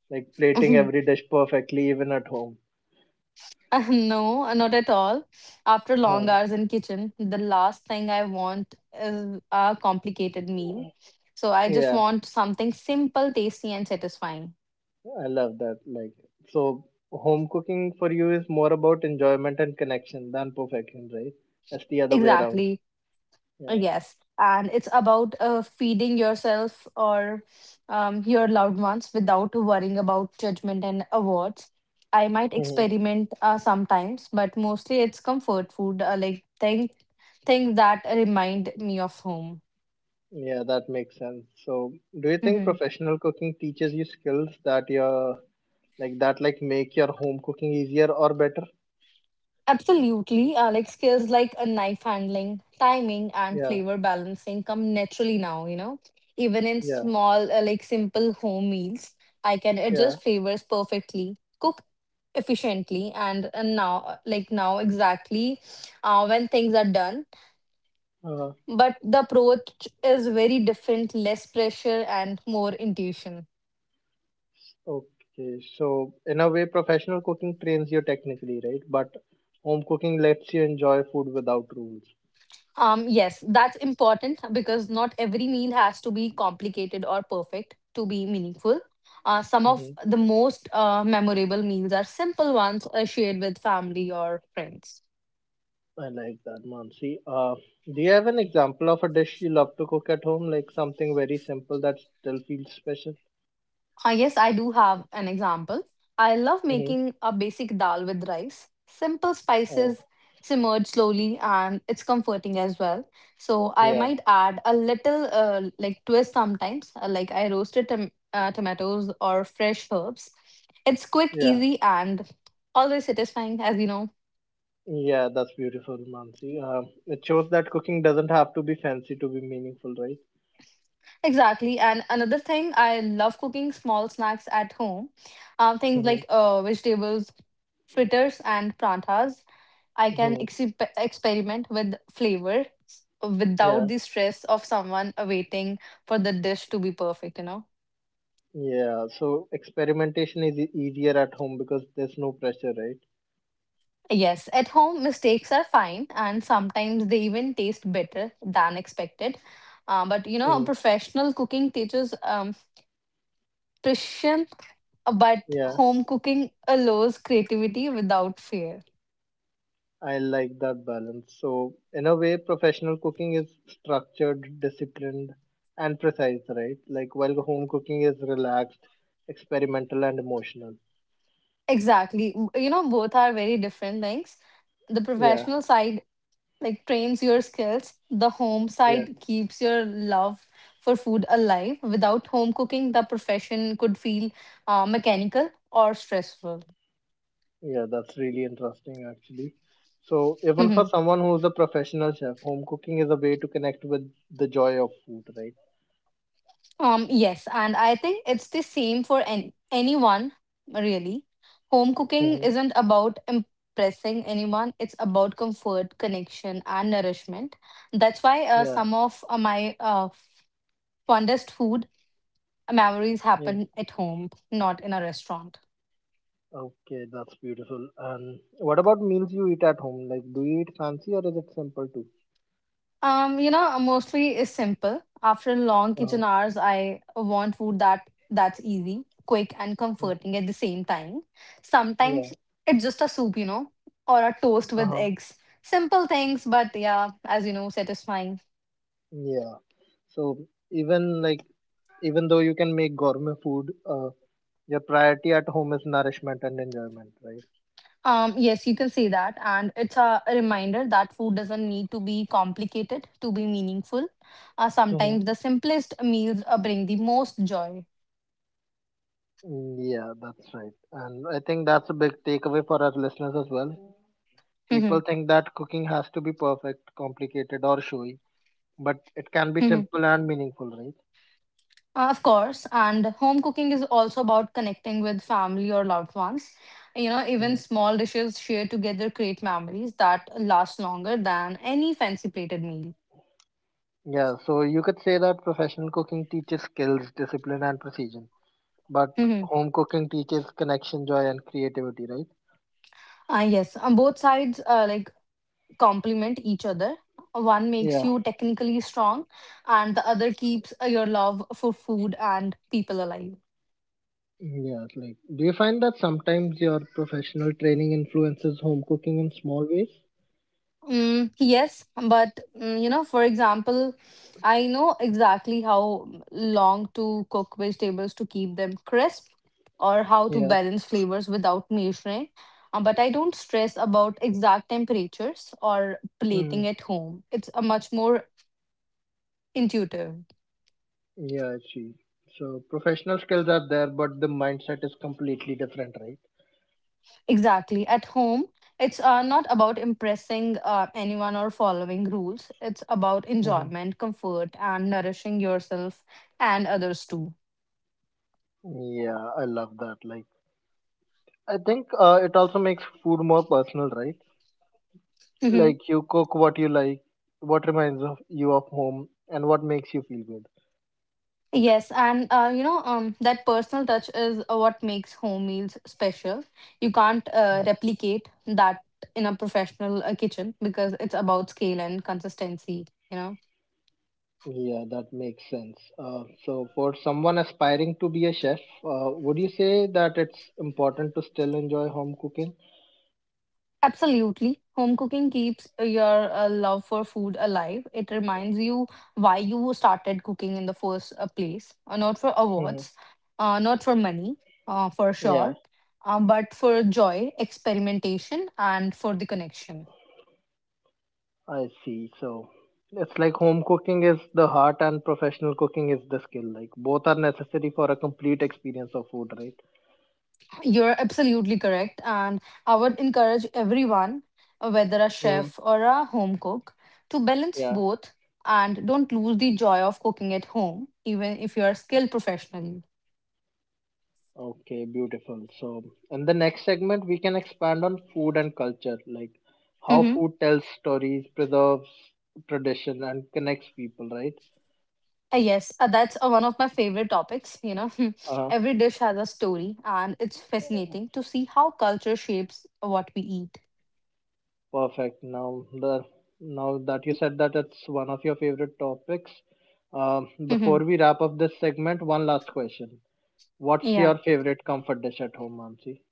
S1: Like plating every dish perfectly, even at home.
S2: No, not at all. After long
S1: Huh.
S2: hours in kitchen, the last thing I want is a complicated meal. So I just
S1: Yeah,
S2: want something simple, tasty, and satisfying.
S1: I love that. Like, so home cooking for you is more about enjoyment and connection than perfection, right? That's the other way around.
S2: Exactly.
S1: Yeah.
S2: Yes, and it's about feeding yourself or your loved ones without worrying about judgment and awards. I might
S1: Hmm.
S2: experiment sometimes, but mostly it's comfort food, like things that remind me of home.
S1: Yeah, that makes sense. So, do you think professional cooking teaches you skills that your like that like make your home cooking easier or better?
S2: Absolutely. Like skills like a knife handling, timing, and
S1: Yeah,
S2: flavor balancing come naturally now, you know. Even in
S1: yeah,
S2: small, like simple home meals, I can
S1: yeah.
S2: adjust flavors perfectly, cook efficiently, and now, like now, exactly when things are done.
S1: Uh,
S2: But the approach is very different, less pressure, and more intuition.
S1: okay, so in a way, professional cooking trains you technically, right? But home cooking lets you enjoy food without rules.
S2: Yes, that's important because not every meal has to be complicated or perfect to be meaningful. Some of
S1: Hmm.
S2: the most memorable meals are simple ones shared with family or friends.
S1: I like that, Mansi. Do you have an example of a dish you love to cook at home, like something very simple that still feels special?
S2: Ah, yes, I do have an example. I love
S1: Hmm.
S2: making a basic dal with rice. Simple
S1: Oh,
S2: spices simmered slowly and it's comforting as well. So I
S1: yeah,
S2: might add a little like twist sometimes, like I roasted tomatoes or fresh herbs. It's quick,
S1: yeah,
S2: easy, and always satisfying, as you know.
S1: yeah. That's beautiful, Mansi. It shows that cooking doesn't have to be fancy to be meaningful, right?
S2: Exactly. And another thing, I love cooking small snacks at home. Things
S1: Mm-hmm.
S2: like vegetables, fritters, and prantas. I can
S1: Mm-hmm.
S2: experiment with flavor
S1: Yeah.
S2: without the stress of someone waiting for the dish to be perfect.
S1: Yeah, so experimentation is easier at home because there's no pressure, right?
S2: Yes, at home mistakes are fine and sometimes they even taste better than expected. But you know,
S1: Mm,
S2: professional cooking teaches precision, but
S1: yeah,
S2: home cooking allows creativity without fear.
S1: I like that balance. So, in a way, professional cooking is structured, disciplined, and precise, right? Like, while home cooking is relaxed, experimental, and emotional.
S2: Exactly. You know, both are very different things. The
S1: Yeah,
S2: professional side like trains your skills. The home
S1: yeah,
S2: side keeps your love for food alive. Without home cooking, the profession could feel mechanical or stressful.
S1: yeah, that's really interesting, actually. So, even for
S2: Mhm.
S1: someone who's a professional chef, home cooking is a way to connect with the joy of food, right?
S2: Yes, and I think it's the same for anyone really. Home cooking
S1: Mhm.
S2: isn't about impressing anyone, it's about comfort, connection, and nourishment. That's why uh,
S1: Yeah,
S2: some of uh, my uh, fondest food memories
S1: yeah.
S2: happen at home, not in a restaurant.
S1: Okay, that's beautiful. And what about meals you eat at home? Like, do you eat fancy or is it simple too?
S2: You know, mostly is simple. After long
S1: Uh,
S2: kitchen hours, I want food that's easy, quick, and
S1: mm,
S2: comforting at the same time.
S1: yeah.
S2: Sometimes it's just a soup, you know, or a toast with
S1: Uh-huh.
S2: eggs. Simple things, but yeah, as you know, satisfying.
S1: Yeah. So even like even though you can make gourmet food, your priority at home is nourishment and enjoyment, right?
S2: Yes, you can say that, and it's a reminder that food doesn't need to be complicated to be meaningful.
S1: Mm-hmm.
S2: Sometimes the simplest meals bring the most joy.
S1: Yeah, that's right. And I think that's a big takeaway for our listeners as well. People think that cooking has to be perfect, complicated, or showy, but it can be simple and meaningful,
S2: Of course, and home cooking is also about connecting with family or loved ones. You know, even
S1: right?
S2: small dishes shared together create memories that last longer than any fancy plated meal.
S1: Yeah, so you could say that professional cooking teaches skills, discipline, and precision, but
S2: Hmm.
S1: home cooking teaches connection, joy, and creativity, right?
S2: Yes, on both sides, like complement each other. One makes
S1: Yeah,
S2: you technically strong, and the other keeps your love for food and people alive.
S1: yeah. Like, do you find that sometimes your professional training influences home cooking in small ways?
S2: Mm, yes, but mm, you know, for example, I know exactly how long to cook vegetables to keep them crisp or how to
S1: Yeah.
S2: balance flavors without measuring. But I don't stress about exact temperatures or
S1: Hmm.
S2: plating at home. It's a much more intuitive.
S1: Yeah, I see. So professional skills are there, but the mindset is completely different, right?
S2: Exactly. At home, it's not about impressing anyone or following rules. It's about
S1: Hmm.
S2: enjoyment, comfort, and nourishing yourself and others too.
S1: Yeah, I love that. Like, I think it also makes food more personal, right?
S2: Mhm.
S1: Like you cook what you like, what reminds of you of home, and what makes you feel good.
S2: Yes, and you know, that personal touch is what makes home meals special. You can't replicate that in a professional kitchen because it's about scale and consistency. You know,
S1: Yeah, that makes sense. So, for someone aspiring to be a chef, would you say that it's important to still enjoy home cooking?
S2: absolutely, home cooking keeps your love for food alive. It reminds you why you started cooking in the first place, not for
S1: Mhm.
S2: awards, not for money, for
S1: Yeah,
S2: sure, but for joy, experimentation, and for the connection.
S1: I see. So, it's like home cooking is the heart and professional cooking is the skill. Like, both are necessary for a complete experience of food, right?
S2: You're absolutely correct. And I would encourage everyone, whether a
S1: Mm.
S2: chef or a home cook, to balance
S1: Yeah.
S2: both and don't lose the joy of cooking at home, even if you're skilled professionally.
S1: Okay, beautiful. So, in the next segment, we can expand on food and culture, like how
S2: Hmm.
S1: food tells stories, preserves tradition, and connects people, right?
S2: Yes, that's one of my favorite topics. You know,
S1: Uh,
S2: every dish has a story, and it's fascinating to see how culture shapes what we eat.
S1: Perfect. Now, the now that you said that it's one of your favorite topics,
S2: Hmm.
S1: before we wrap up this segment, one last question. What's
S2: Yeah.
S1: your favorite comfort dish at home, Mansi?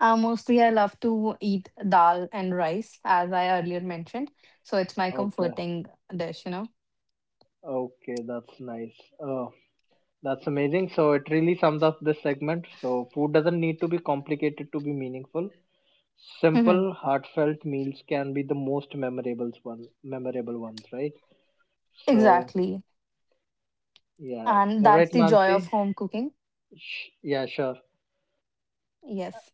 S2: Mostly, I love to eat dal and rice, as I earlier mentioned. So it's my
S1: Okay,
S2: comforting dish, you know.
S1: okay, that's nice. Uh, That's amazing. So it really sums up this segment. So food doesn't need to be complicated to be meaningful. Simple, heartfelt meals can be the most memorable ones, right? So
S2: Exactly.
S1: yeah.
S2: And
S1: All
S2: that's
S1: right,
S2: the joy of
S1: Mansi.
S2: home cooking.
S1: Yeah, sure.
S2: Yes.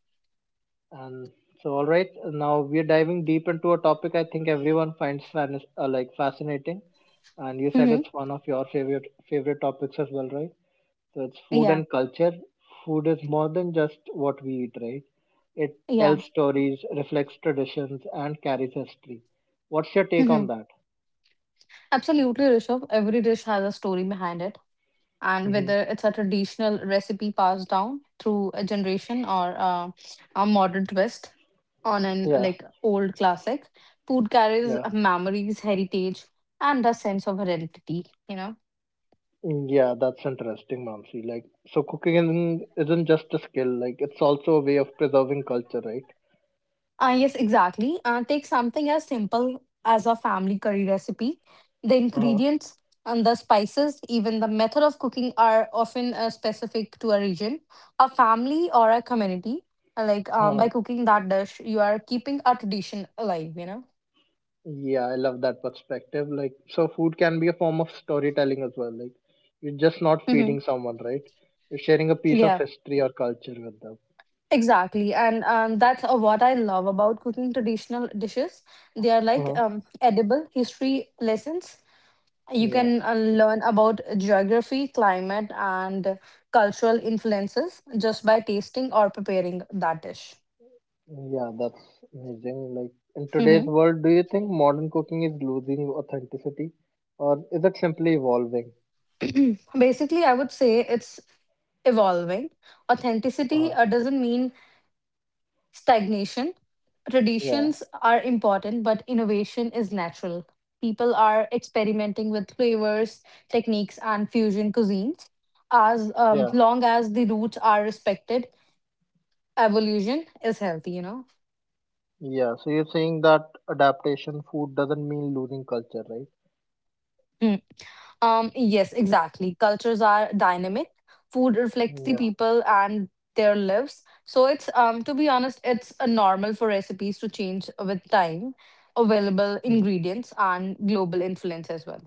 S1: And so all right, now we're diving deep into a topic I think everyone finds like fascinating. And you said
S2: Hmm.
S1: it's one of your favorite topics as well, right? So it's food
S2: Yeah.
S1: and culture. Food is more than just what we eat, right? It
S2: Yeah.
S1: tells stories, reflects traditions, and carries history. What's your take
S2: Hmm.
S1: on that?
S2: Absolutely, Rishabh. Every dish has a story behind it. And
S1: Hmm.
S2: whether it's a traditional recipe passed down through a generation or a modern twist on an
S1: Yeah,
S2: like old classic, food carries
S1: yeah,
S2: memories, heritage, and a sense of identity, you know.
S1: mm, yeah. That's interesting, Mamsi. Like, so cooking isn't just a skill. Like, it's also a way of preserving culture, right?
S2: Yes, exactly. Take something as simple as a family curry recipe. The
S1: Huh. Uh,
S2: ingredients and the spices, even the method of cooking, are often specific to a region, a family, or a community. Like by
S1: huh.
S2: cooking that dish, you are keeping a tradition alive, you know?
S1: Yeah, I love that perspective. Like, so food can be a form of storytelling as well. Like, you're just not
S2: Hmm.
S1: feeding someone, right? You're sharing a piece of
S2: Yeah,
S1: history or culture with
S2: exactly. And that's what I love about cooking traditional dishes. They are like
S1: them.
S2: um, edible history lessons. You
S1: Yeah,
S2: can learn about geography, climate, and cultural influences just by tasting or preparing that dish.
S1: yeah, that's amazing. Like in today's
S2: Mhm.
S1: world, do you think modern cooking is losing authenticity, or is it simply evolving?
S2: Basically, I would say it's evolving. Authenticity
S1: Uh,
S2: doesn't mean stagnation.
S1: yeah,
S2: Traditions are important, but innovation is natural. People are experimenting with flavors, techniques, and fusion cuisines. As
S1: yeah,
S2: long as the roots are respected, evolution is healthy, you know?
S1: yeah. So you're saying that adaptation food doesn't mean losing culture, right?
S2: Yes, exactly. Cultures are dynamic. Food reflects the
S1: Yeah,
S2: people and their lives. So it's to be honest, it's a normal for recipes to change with time, available
S1: mm.
S2: ingredients and global influence as well.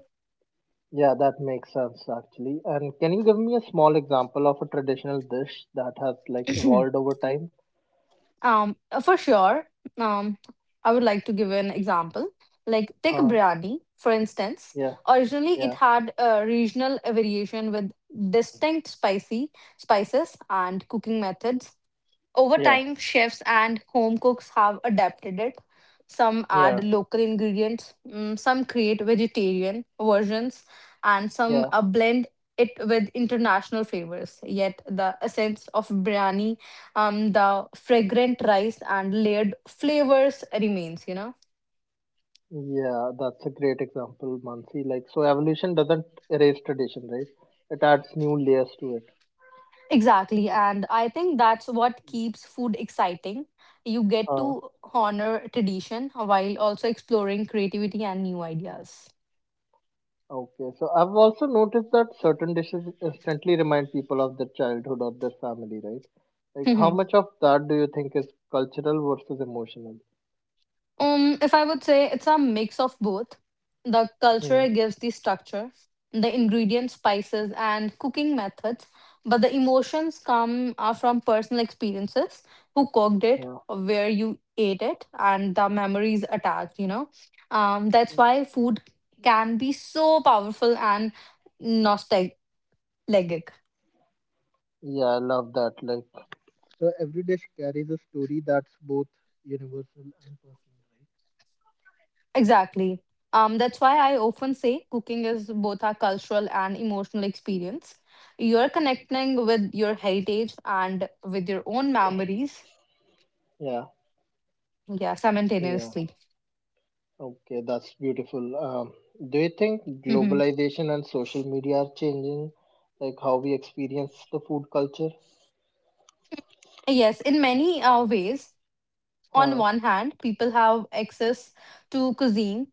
S1: Yeah, that makes sense actually. And can you give me a small example of a traditional dish that has like evolved over time?
S2: um, for sure. Um, I would like to give an example. Like take a
S1: Uh,
S2: biryani, for instance.
S1: yeah,
S2: Originally,
S1: yeah,
S2: it had a regional variation with distinct spicy spices and cooking methods. Over
S1: yeah,
S2: time, chefs and home cooks have adapted it. Some
S1: yeah,
S2: add local ingredients, mm, some create vegetarian versions, and some
S1: yeah.
S2: blend it with international flavors. Yet, the essence of biryani, the fragrant rice and layered flavors remains, you know.
S1: Yeah, that's a great example, Mansi. Like, so evolution doesn't erase tradition, right? It adds new layers to it.
S2: Exactly, and I think that's what keeps food exciting. You get
S1: Uh,
S2: to honor tradition while also exploring creativity and new ideas.
S1: okay. So I've also noticed that certain dishes instantly remind people of their childhood or their family, right? Like, how much of that do you think is cultural versus emotional?
S2: If I would say it's a mix of both. The
S1: Hmm.
S2: culture gives the structure, the ingredients, spices, and cooking methods, but the emotions come are from personal experiences, who cooked it,
S1: Yeah.
S2: where you ate it, and the memories attached, you know. That's why food can be so powerful and nostalgic.
S1: Yeah, I love that. Like, so every dish carries a story that's both universal and personal, right?
S2: Exactly. That's why I often say cooking is both a cultural and emotional experience. You're connecting with your heritage and with your own memories,
S1: Yeah,
S2: yeah,
S1: yeah.
S2: simultaneously.
S1: Okay, that's beautiful. Do you think
S2: Mhm.
S1: globalization and social media are changing, like how we experience the food culture?
S2: Yes, in many ways. On
S1: Uh,
S2: one hand, people have access to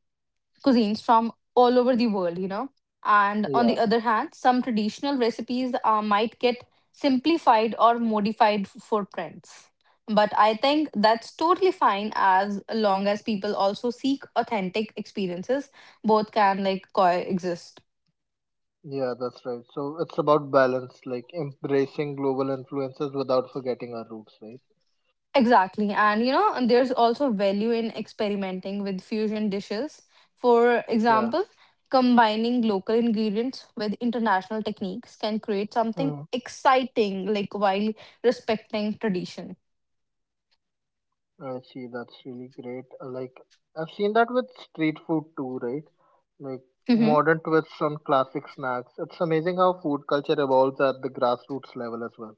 S2: cuisines from all over the world, you know. And on
S1: yeah,
S2: the other hand, some traditional recipes might get simplified or modified for trends. But I think that's totally fine as long as people also seek authentic experiences. Both can like coexist.
S1: yeah, that's right. So it's about balance, like embracing global influences without forgetting our roots, right?
S2: Exactly. And you know, there's also value in experimenting with fusion dishes. For
S1: Yeah.
S2: example, combining local ingredients with international techniques can create something
S1: Hmm.
S2: exciting, like while respecting tradition.
S1: I see. That's really great. Like I've seen that with street food too, right? Like
S2: Mm-hmm.
S1: modern twists on classic snacks. It's amazing how food culture evolves at the grassroots level as well.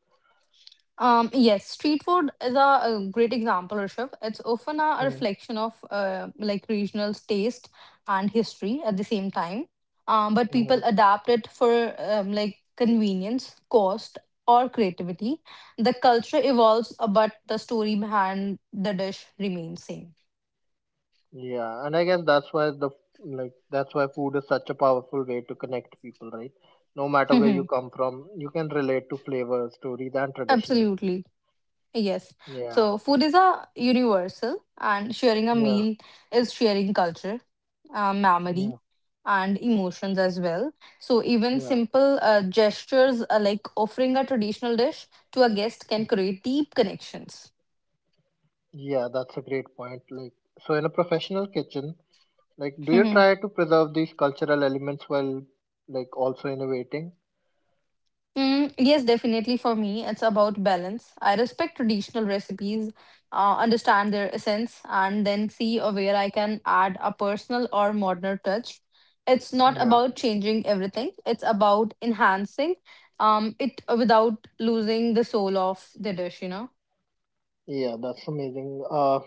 S2: Yes, street food is a, great example, Rishabh. It's often a
S1: Mm-hmm.
S2: reflection of like regional taste and history at the same time. But
S1: Mm-hmm.
S2: people adapt it for like convenience, cost, or creativity. The culture evolves, but the story behind the dish remains same.
S1: Yeah, and I guess that's why the like that's why food is such a powerful way to connect people, right? No matter where you
S2: Mhm.
S1: come from, you can relate to flavor, stories, and traditional.
S2: Absolutely. Yes.
S1: Yeah,
S2: So food is a universal, and sharing a
S1: yeah,
S2: meal is sharing culture.
S1: yeah,
S2: Memory and emotions as well. So even
S1: yeah,
S2: simple gestures like offering a traditional dish to a guest can create deep connections.
S1: yeah. That's a great point. Like, so in a professional kitchen, like, do you
S2: Mhm.
S1: try to preserve these cultural elements while like also innovating?
S2: Mm, yes, definitely for me, it's about balance. I respect traditional recipes, understand their essence, and then see where I can add a personal or modern touch. It's not
S1: Yeah,
S2: about changing everything, it's about enhancing it without losing the soul of the dish, you know.
S1: yeah. That's amazing.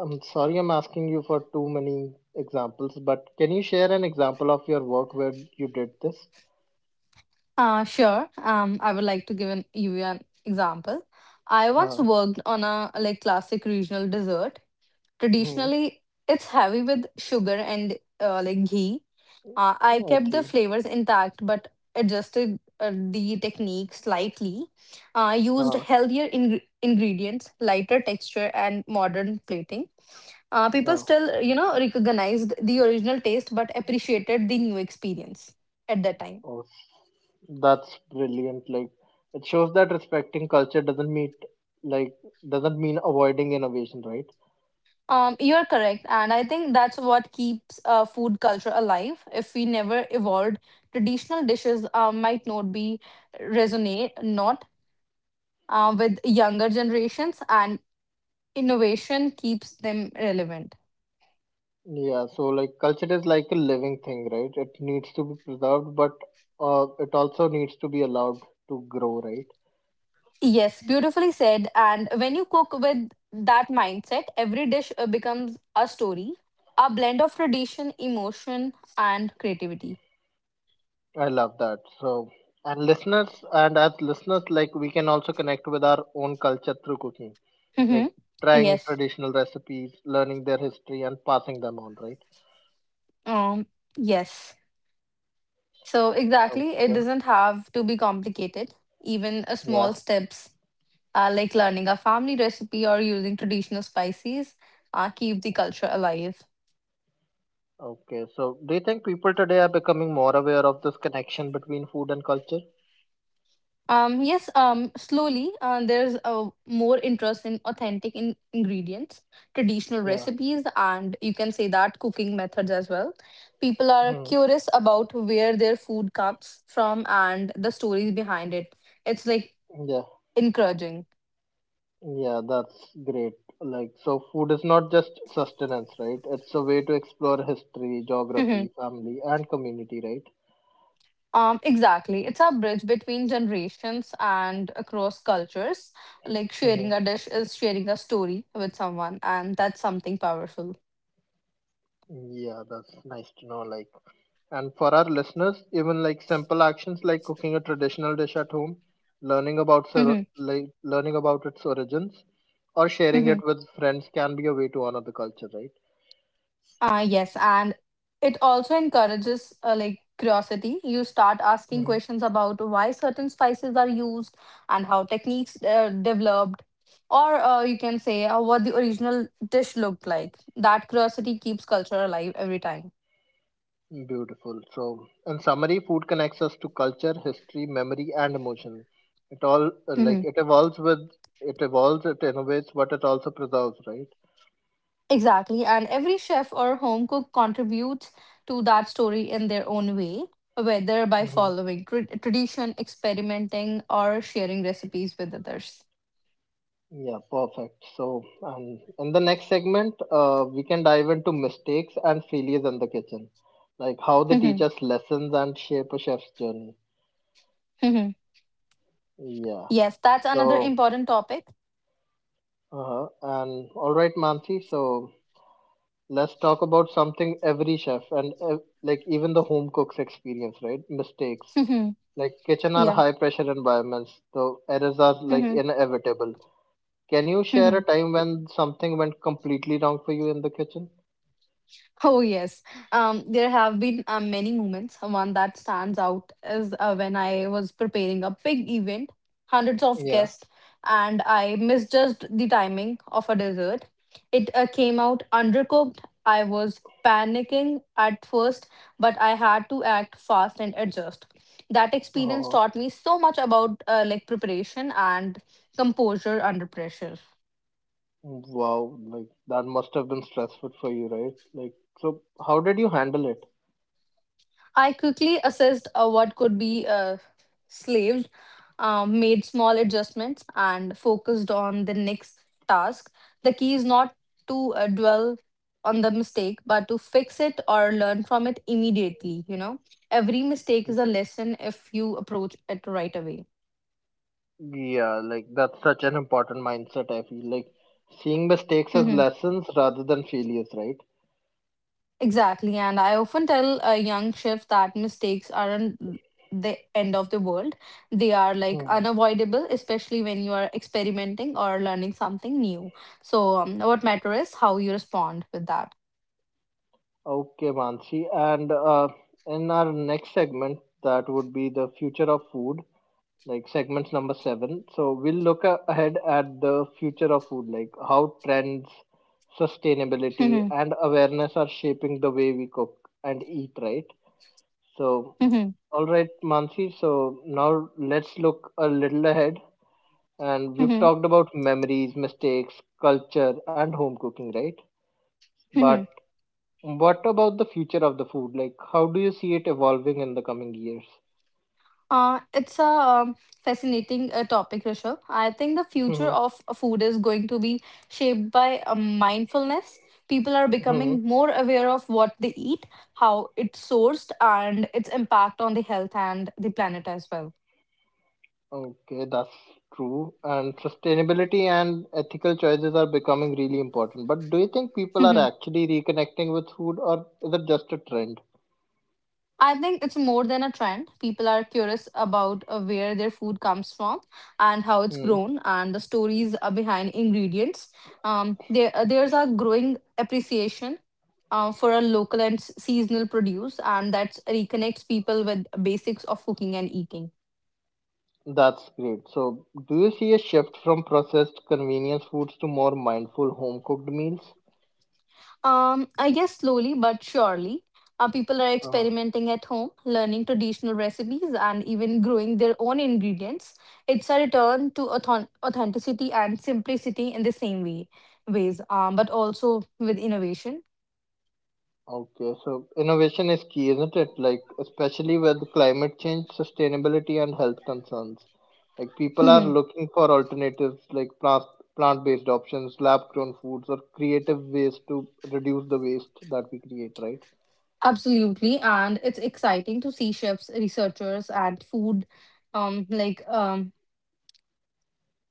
S1: I'm sorry I'm asking you for too many examples, but can you share an example of your work where you did this?
S2: Sure. I would like to give you an example. I once
S1: Uh,
S2: worked on a like classic regional dessert.
S1: Hmm.
S2: Traditionally, it's heavy with sugar and like ghee. I
S1: Yeah, I
S2: kept the
S1: see.
S2: flavors intact but adjusted the technique slightly. I used
S1: Uh,
S2: healthier ingredients, lighter texture, and modern plating. People
S1: uh,
S2: still, you know, recognized the original taste but appreciated the new experience at that time.
S1: oh, that's brilliant. Like, it shows that respecting culture doesn't mean like doesn't mean avoiding innovation, right?
S2: You're correct, and I think that's what keeps food culture alive. If we never evolved, traditional dishes might not be resonate not with younger generations, and innovation keeps them relevant.
S1: Yeah. So, like, culture is like a living thing, right? It needs to be preserved, but it also needs to be allowed to grow, right?
S2: Yes, beautifully said. And when you cook with that mindset, every dish becomes a story, a blend of tradition, emotion, and creativity.
S1: I love that. So, and as listeners, like we can also connect with our own culture through cooking, like
S2: Mm-hmm.
S1: trying
S2: Yes.
S1: traditional recipes, learning their history, and passing them on, right?
S2: Um. Yes. So exactly, it
S1: Okay.
S2: doesn't have to be complicated. Even a
S1: Yeah.
S2: small steps like learning a family recipe or using traditional spices keep the culture alive.
S1: Okay. So, do you think people today are becoming more aware of this connection between food and culture?
S2: Yes, slowly there's more interest in authentic ingredients, traditional
S1: Yeah.
S2: recipes, and you can say that cooking methods as well. People are
S1: Hmm.
S2: curious about where their food comes from and the stories behind it. It's like
S1: Yeah.
S2: encouraging.
S1: Yeah, that's great. Like, so food is not just sustenance, right? It's a way to explore history, geography, family, and community, right?
S2: Exactly. It's a bridge between generations and across cultures. Like
S1: Mm-hmm.
S2: sharing a dish is sharing a story with someone, and that's something powerful.
S1: Yeah, that's nice to know. Like, and for our listeners, even like simple actions like cooking a traditional dish at home, learning about
S2: Mhm,
S1: like learning about its origins, or sharing
S2: mhm.
S1: it with friends can be a way to honor the culture, right?
S2: Yes, and it also encourages like curiosity. You start asking
S1: Hmm.
S2: questions about why certain spices are used and how techniques developed, or you can say what the original dish looked like. That curiosity keeps culture alive every time.
S1: Beautiful. So, in summary, food connects us to culture, history, memory, and emotion. It all
S2: Mhm.
S1: it evolves, it innovates, but it also preserves, right?
S2: Exactly. And every chef or home cook contributes to that story in their own way, whether by
S1: Mhm.
S2: following tradition, experimenting, or sharing recipes with others.
S1: Yeah, perfect. So, in the next segment, we can dive into mistakes and failures in the kitchen, like how they teach
S2: Mhm.
S1: us lessons and shape a chef's journey.
S2: Mhm.
S1: Yeah.
S2: Yes, that's another
S1: So,
S2: important topic.
S1: and all right, Mansi. So, let's talk about something every chef and like even the home cooks experience, right? Mistakes.
S2: Mhm.
S1: Like kitchen are
S2: Yeah.
S1: high pressure environments, so errors are like
S2: Mhm.
S1: inevitable. Can you share a
S2: Mhm.
S1: time when something went completely wrong for you in the kitchen?
S2: Oh, yes. There have been many moments. One that stands out is when I was preparing a big event, hundreds of guests, and I misjudged the timing of a dessert. It came out undercooked. I was panicking at first, but I had to act fast and adjust. That experience
S1: Oh,
S2: taught me so much about like preparation and composure under pressure.
S1: wow. Like that must have been stressful for you, right? Like, so how did you handle it?
S2: I quickly assessed what could be slaved, made small adjustments, and focused on the next task. The key is not to dwell on the mistake, but to fix it or learn from it immediately. You know, every mistake is a lesson if you approach it right away.
S1: Yeah, like that's such an important mindset, I feel. Like seeing mistakes as
S2: Mm-hmm.
S1: lessons rather than failures, right?
S2: Exactly, and I often tell young chefs that mistakes aren't the end of the world. They are like
S1: Hmm.
S2: unavoidable, especially when you are experimenting or learning something new. So, what matters is how you respond with that.
S1: Okay, Mansi. And in our next segment, that would be the future of food, like segments number seven. So we'll look ahead at the future of food, like how trends, sustainability,
S2: Hmm.
S1: and awareness are shaping the way we cook and eat, right? So,
S2: Hmm.
S1: all right, Mansi. So now let's look a little ahead. And we've
S2: Hmm.
S1: talked about memories, mistakes, culture, and home cooking, right?
S2: Hmm.
S1: But what about the future of the food? Like, how do you see it evolving in the coming years?
S2: It's a fascinating topic, Rishabh. I think the future
S1: Mm-hmm.
S2: of food is going to be shaped by mindfulness. People are
S1: Mm-hmm.
S2: becoming more aware of what they eat, how it's sourced, and its impact on the health and the planet as well.
S1: Okay, that's true. And sustainability and ethical choices are becoming really important. But do you think people are actually reconnecting with food or is it just a trend?
S2: I think it's more than a trend. People are curious about where their food comes from and how it's
S1: Hmm,
S2: grown and the stories are behind ingredients. There's a growing appreciation for a local and seasonal produce, and that reconnects people with basics of cooking and eating.
S1: that's great. So, do you see a shift from processed convenience foods to more mindful home cooked meals?
S2: I guess slowly but surely, people are
S1: Uh-huh.
S2: experimenting at home, learning traditional recipes, and even growing their own ingredients. It's a return to authenticity and simplicity in the same way ways, but also with innovation.
S1: Okay, so innovation is key, isn't it? Like, especially with climate change, sustainability, and health concerns. Like, people are
S2: Mhm.
S1: looking for alternatives like plant-based options, lab-grown foods, or creative ways to reduce the waste that we create, right?
S2: Absolutely, and it's exciting to see chefs, researchers, and food, like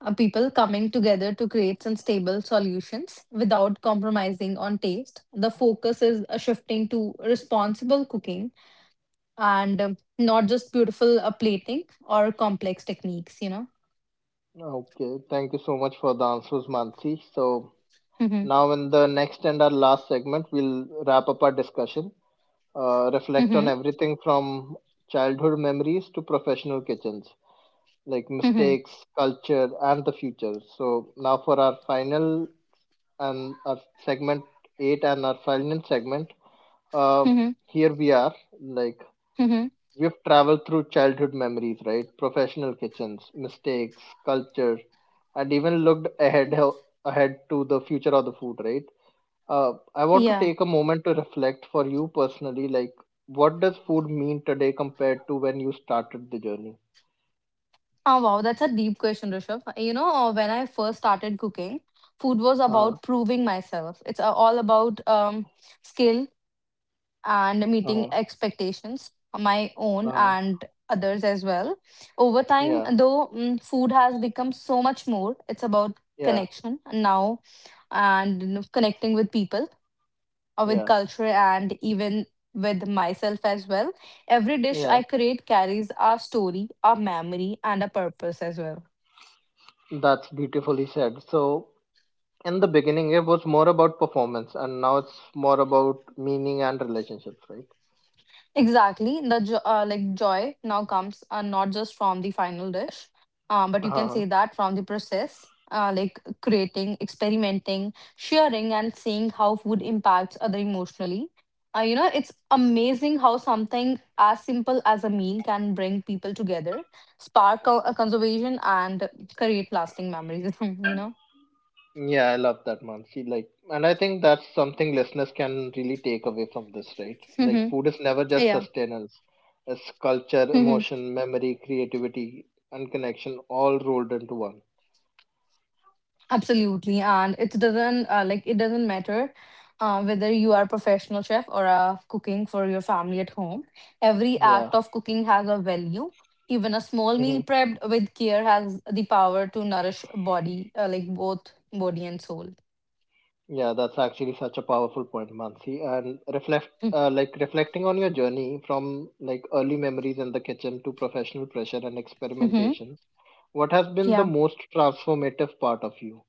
S2: people coming together to create some stable solutions without compromising on taste. The focus is shifting to responsible cooking and not just beautiful plating or complex techniques, you know.
S1: Okay, thank you so much for the answers, Mansi. So
S2: Hmm.
S1: now in the next and our last segment, we'll wrap up our discussion, reflect
S2: Hmm.
S1: on everything from childhood memories to professional kitchens, like
S2: Hmm.
S1: mistakes, culture, and the future. So now for our final and our segment eight and our final segment, uh,
S2: Hmm.
S1: here we are. Like
S2: Hmm.
S1: we've traveled through childhood memories, right? Professional kitchens, mistakes, culture, and even looked ahead ahead to the future of the food, right? I want to
S2: Yeah.
S1: take a moment to reflect for you personally, like what does food mean today compared to when you started the journey?
S2: Oh, wow. That's a deep question, Rishabh. You know, when I first started cooking, food was
S1: Uh,
S2: about proving myself. It's all about skill, and meeting
S1: uh,
S2: expectations, my own
S1: uh,
S2: and others as well. Over time,
S1: yeah.
S2: though, food has become so much more. It's about
S1: Yeah,
S2: connection now and you know, connecting with people or with
S1: yeah,
S2: culture and even with myself as well. Every dish
S1: yeah.
S2: I create carries a story, a memory, and a purpose as well.
S1: That's beautifully said. So, in the beginning, it was more about performance, and now it's more about meaning and relationships, right?
S2: Exactly. The joy now comes not just from the final dish, but you can
S1: Uh-huh.
S2: say that from the process, like creating, experimenting, sharing, and seeing how food impacts other emotionally. You know, it's amazing how something as simple as a meal can bring people together, spark a conservation, and create lasting memories. You know.
S1: Yeah, I love that, Mansi. Like, and I think that's something listeners can really take away from this, right? Like, food is never just
S2: Yeah.
S1: sustenance; it's culture, emotion, memory, creativity, and connection all rolled into one.
S2: Absolutely, and it doesn't matter whether you are a professional chef or cooking for your family at home. Every
S1: Yeah.
S2: act of cooking has a value. Even a small meal prepped with care has the power to nourish body, like both body and soul.
S1: Yeah, that's actually such a powerful point, Mansi. And reflecting on your journey from like early memories in the kitchen to professional pressure and
S2: Mhm.
S1: experimentation, what has been the
S2: Yeah.
S1: most transformative part of you?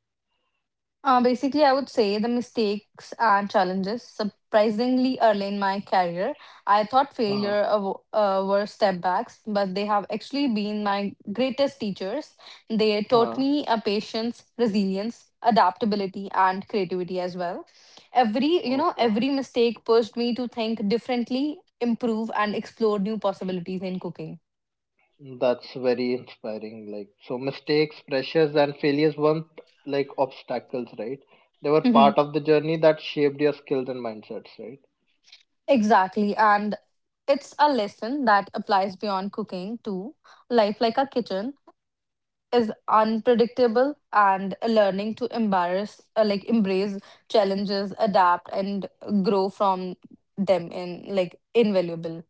S2: Basically, I would say the mistakes and challenges. Surprisingly early in my career, I thought
S1: Uh,
S2: failure were setbacks, but they have actually been my greatest teachers. They taught
S1: uh,
S2: me a patience, resilience, adaptability, and creativity as well. Every you know,
S1: okay,
S2: every mistake pushed me to think differently, improve, and explore new possibilities in cooking.
S1: that's very inspiring. Like, so mistakes, pressures, and failures weren't obstacles, right? They were
S2: Mhm.
S1: part of the journey that shaped your skills and mindsets, right?
S2: Exactly, and it's a lesson that applies beyond cooking to life like a kitchen is unpredictable and learning to embarrass like embrace challenges adapt and grow from them in like invaluable.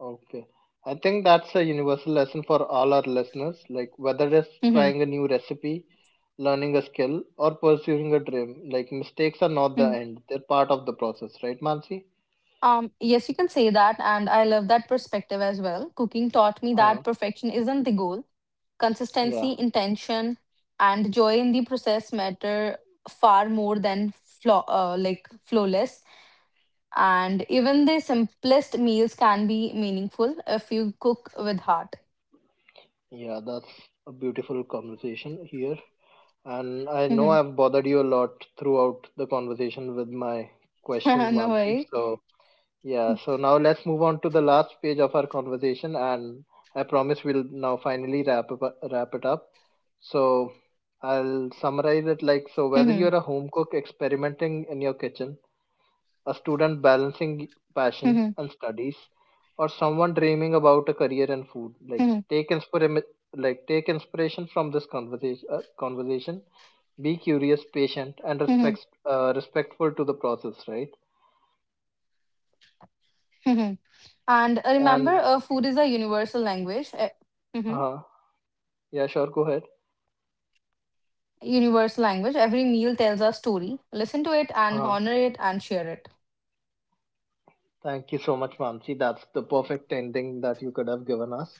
S1: Okay. I think that's a universal lesson for all our listeners. Like whether it's
S2: Hmm.
S1: trying a new recipe, learning a skill, or pursuing a dream, like mistakes are not the end. They're part of the process, right, Mansi?
S2: Yes, you can say that, and I love that perspective as well. Cooking taught me
S1: Uh,
S2: that perfection isn't the goal,
S1: yeah,
S2: consistency, intention, and joy in the process matter far more than flawless, and even the simplest meals can be meaningful if you cook with heart.
S1: yeah, that's a beautiful conversation here. And I know
S2: Mm-hmm.
S1: I've bothered you a lot throughout the conversation with my questions,
S2: No
S1: Mansi.
S2: worry.
S1: So yeah, so now let's move on to the last page of our conversation, and I promise we'll now finally wrap it up. So I'll summarize it like so whether you're a home cook experimenting in your kitchen, a student balancing passion and studies, or someone dreaming about a career in food, like take inspiration from this conversation. Be curious, patient, and respectful to the process, right?
S2: And remember,
S1: And
S2: food is a universal language. Mhm.
S1: uh, yeah, sure, go ahead.
S2: Universal language. Every meal tells a story. Listen to it and
S1: Uh,
S2: honor it and share it.
S1: thank you so much, Mansi. That's the perfect ending that you could have given us.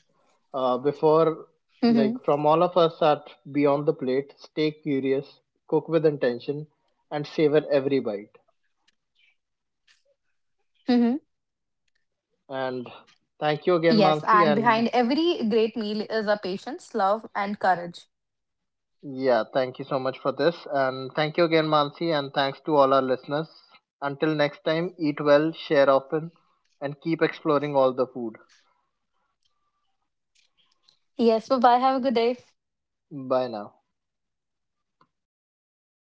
S1: Before, like,
S2: Mhm,
S1: from all of us at Beyond the Plate, stay curious, cook with intention, and savor every bite.
S2: mhm.
S1: And thank you again,
S2: Yes,
S1: Mansi.
S2: and
S1: And
S2: behind every great meal is a patience, love, and courage.
S1: yeah, thank you so much for this. And thank you again, Mansi. And thanks to all our listeners. Until next time, eat well, share often, and keep exploring all the food.
S2: Yes, bye bye. Have a good day.
S1: Bye now.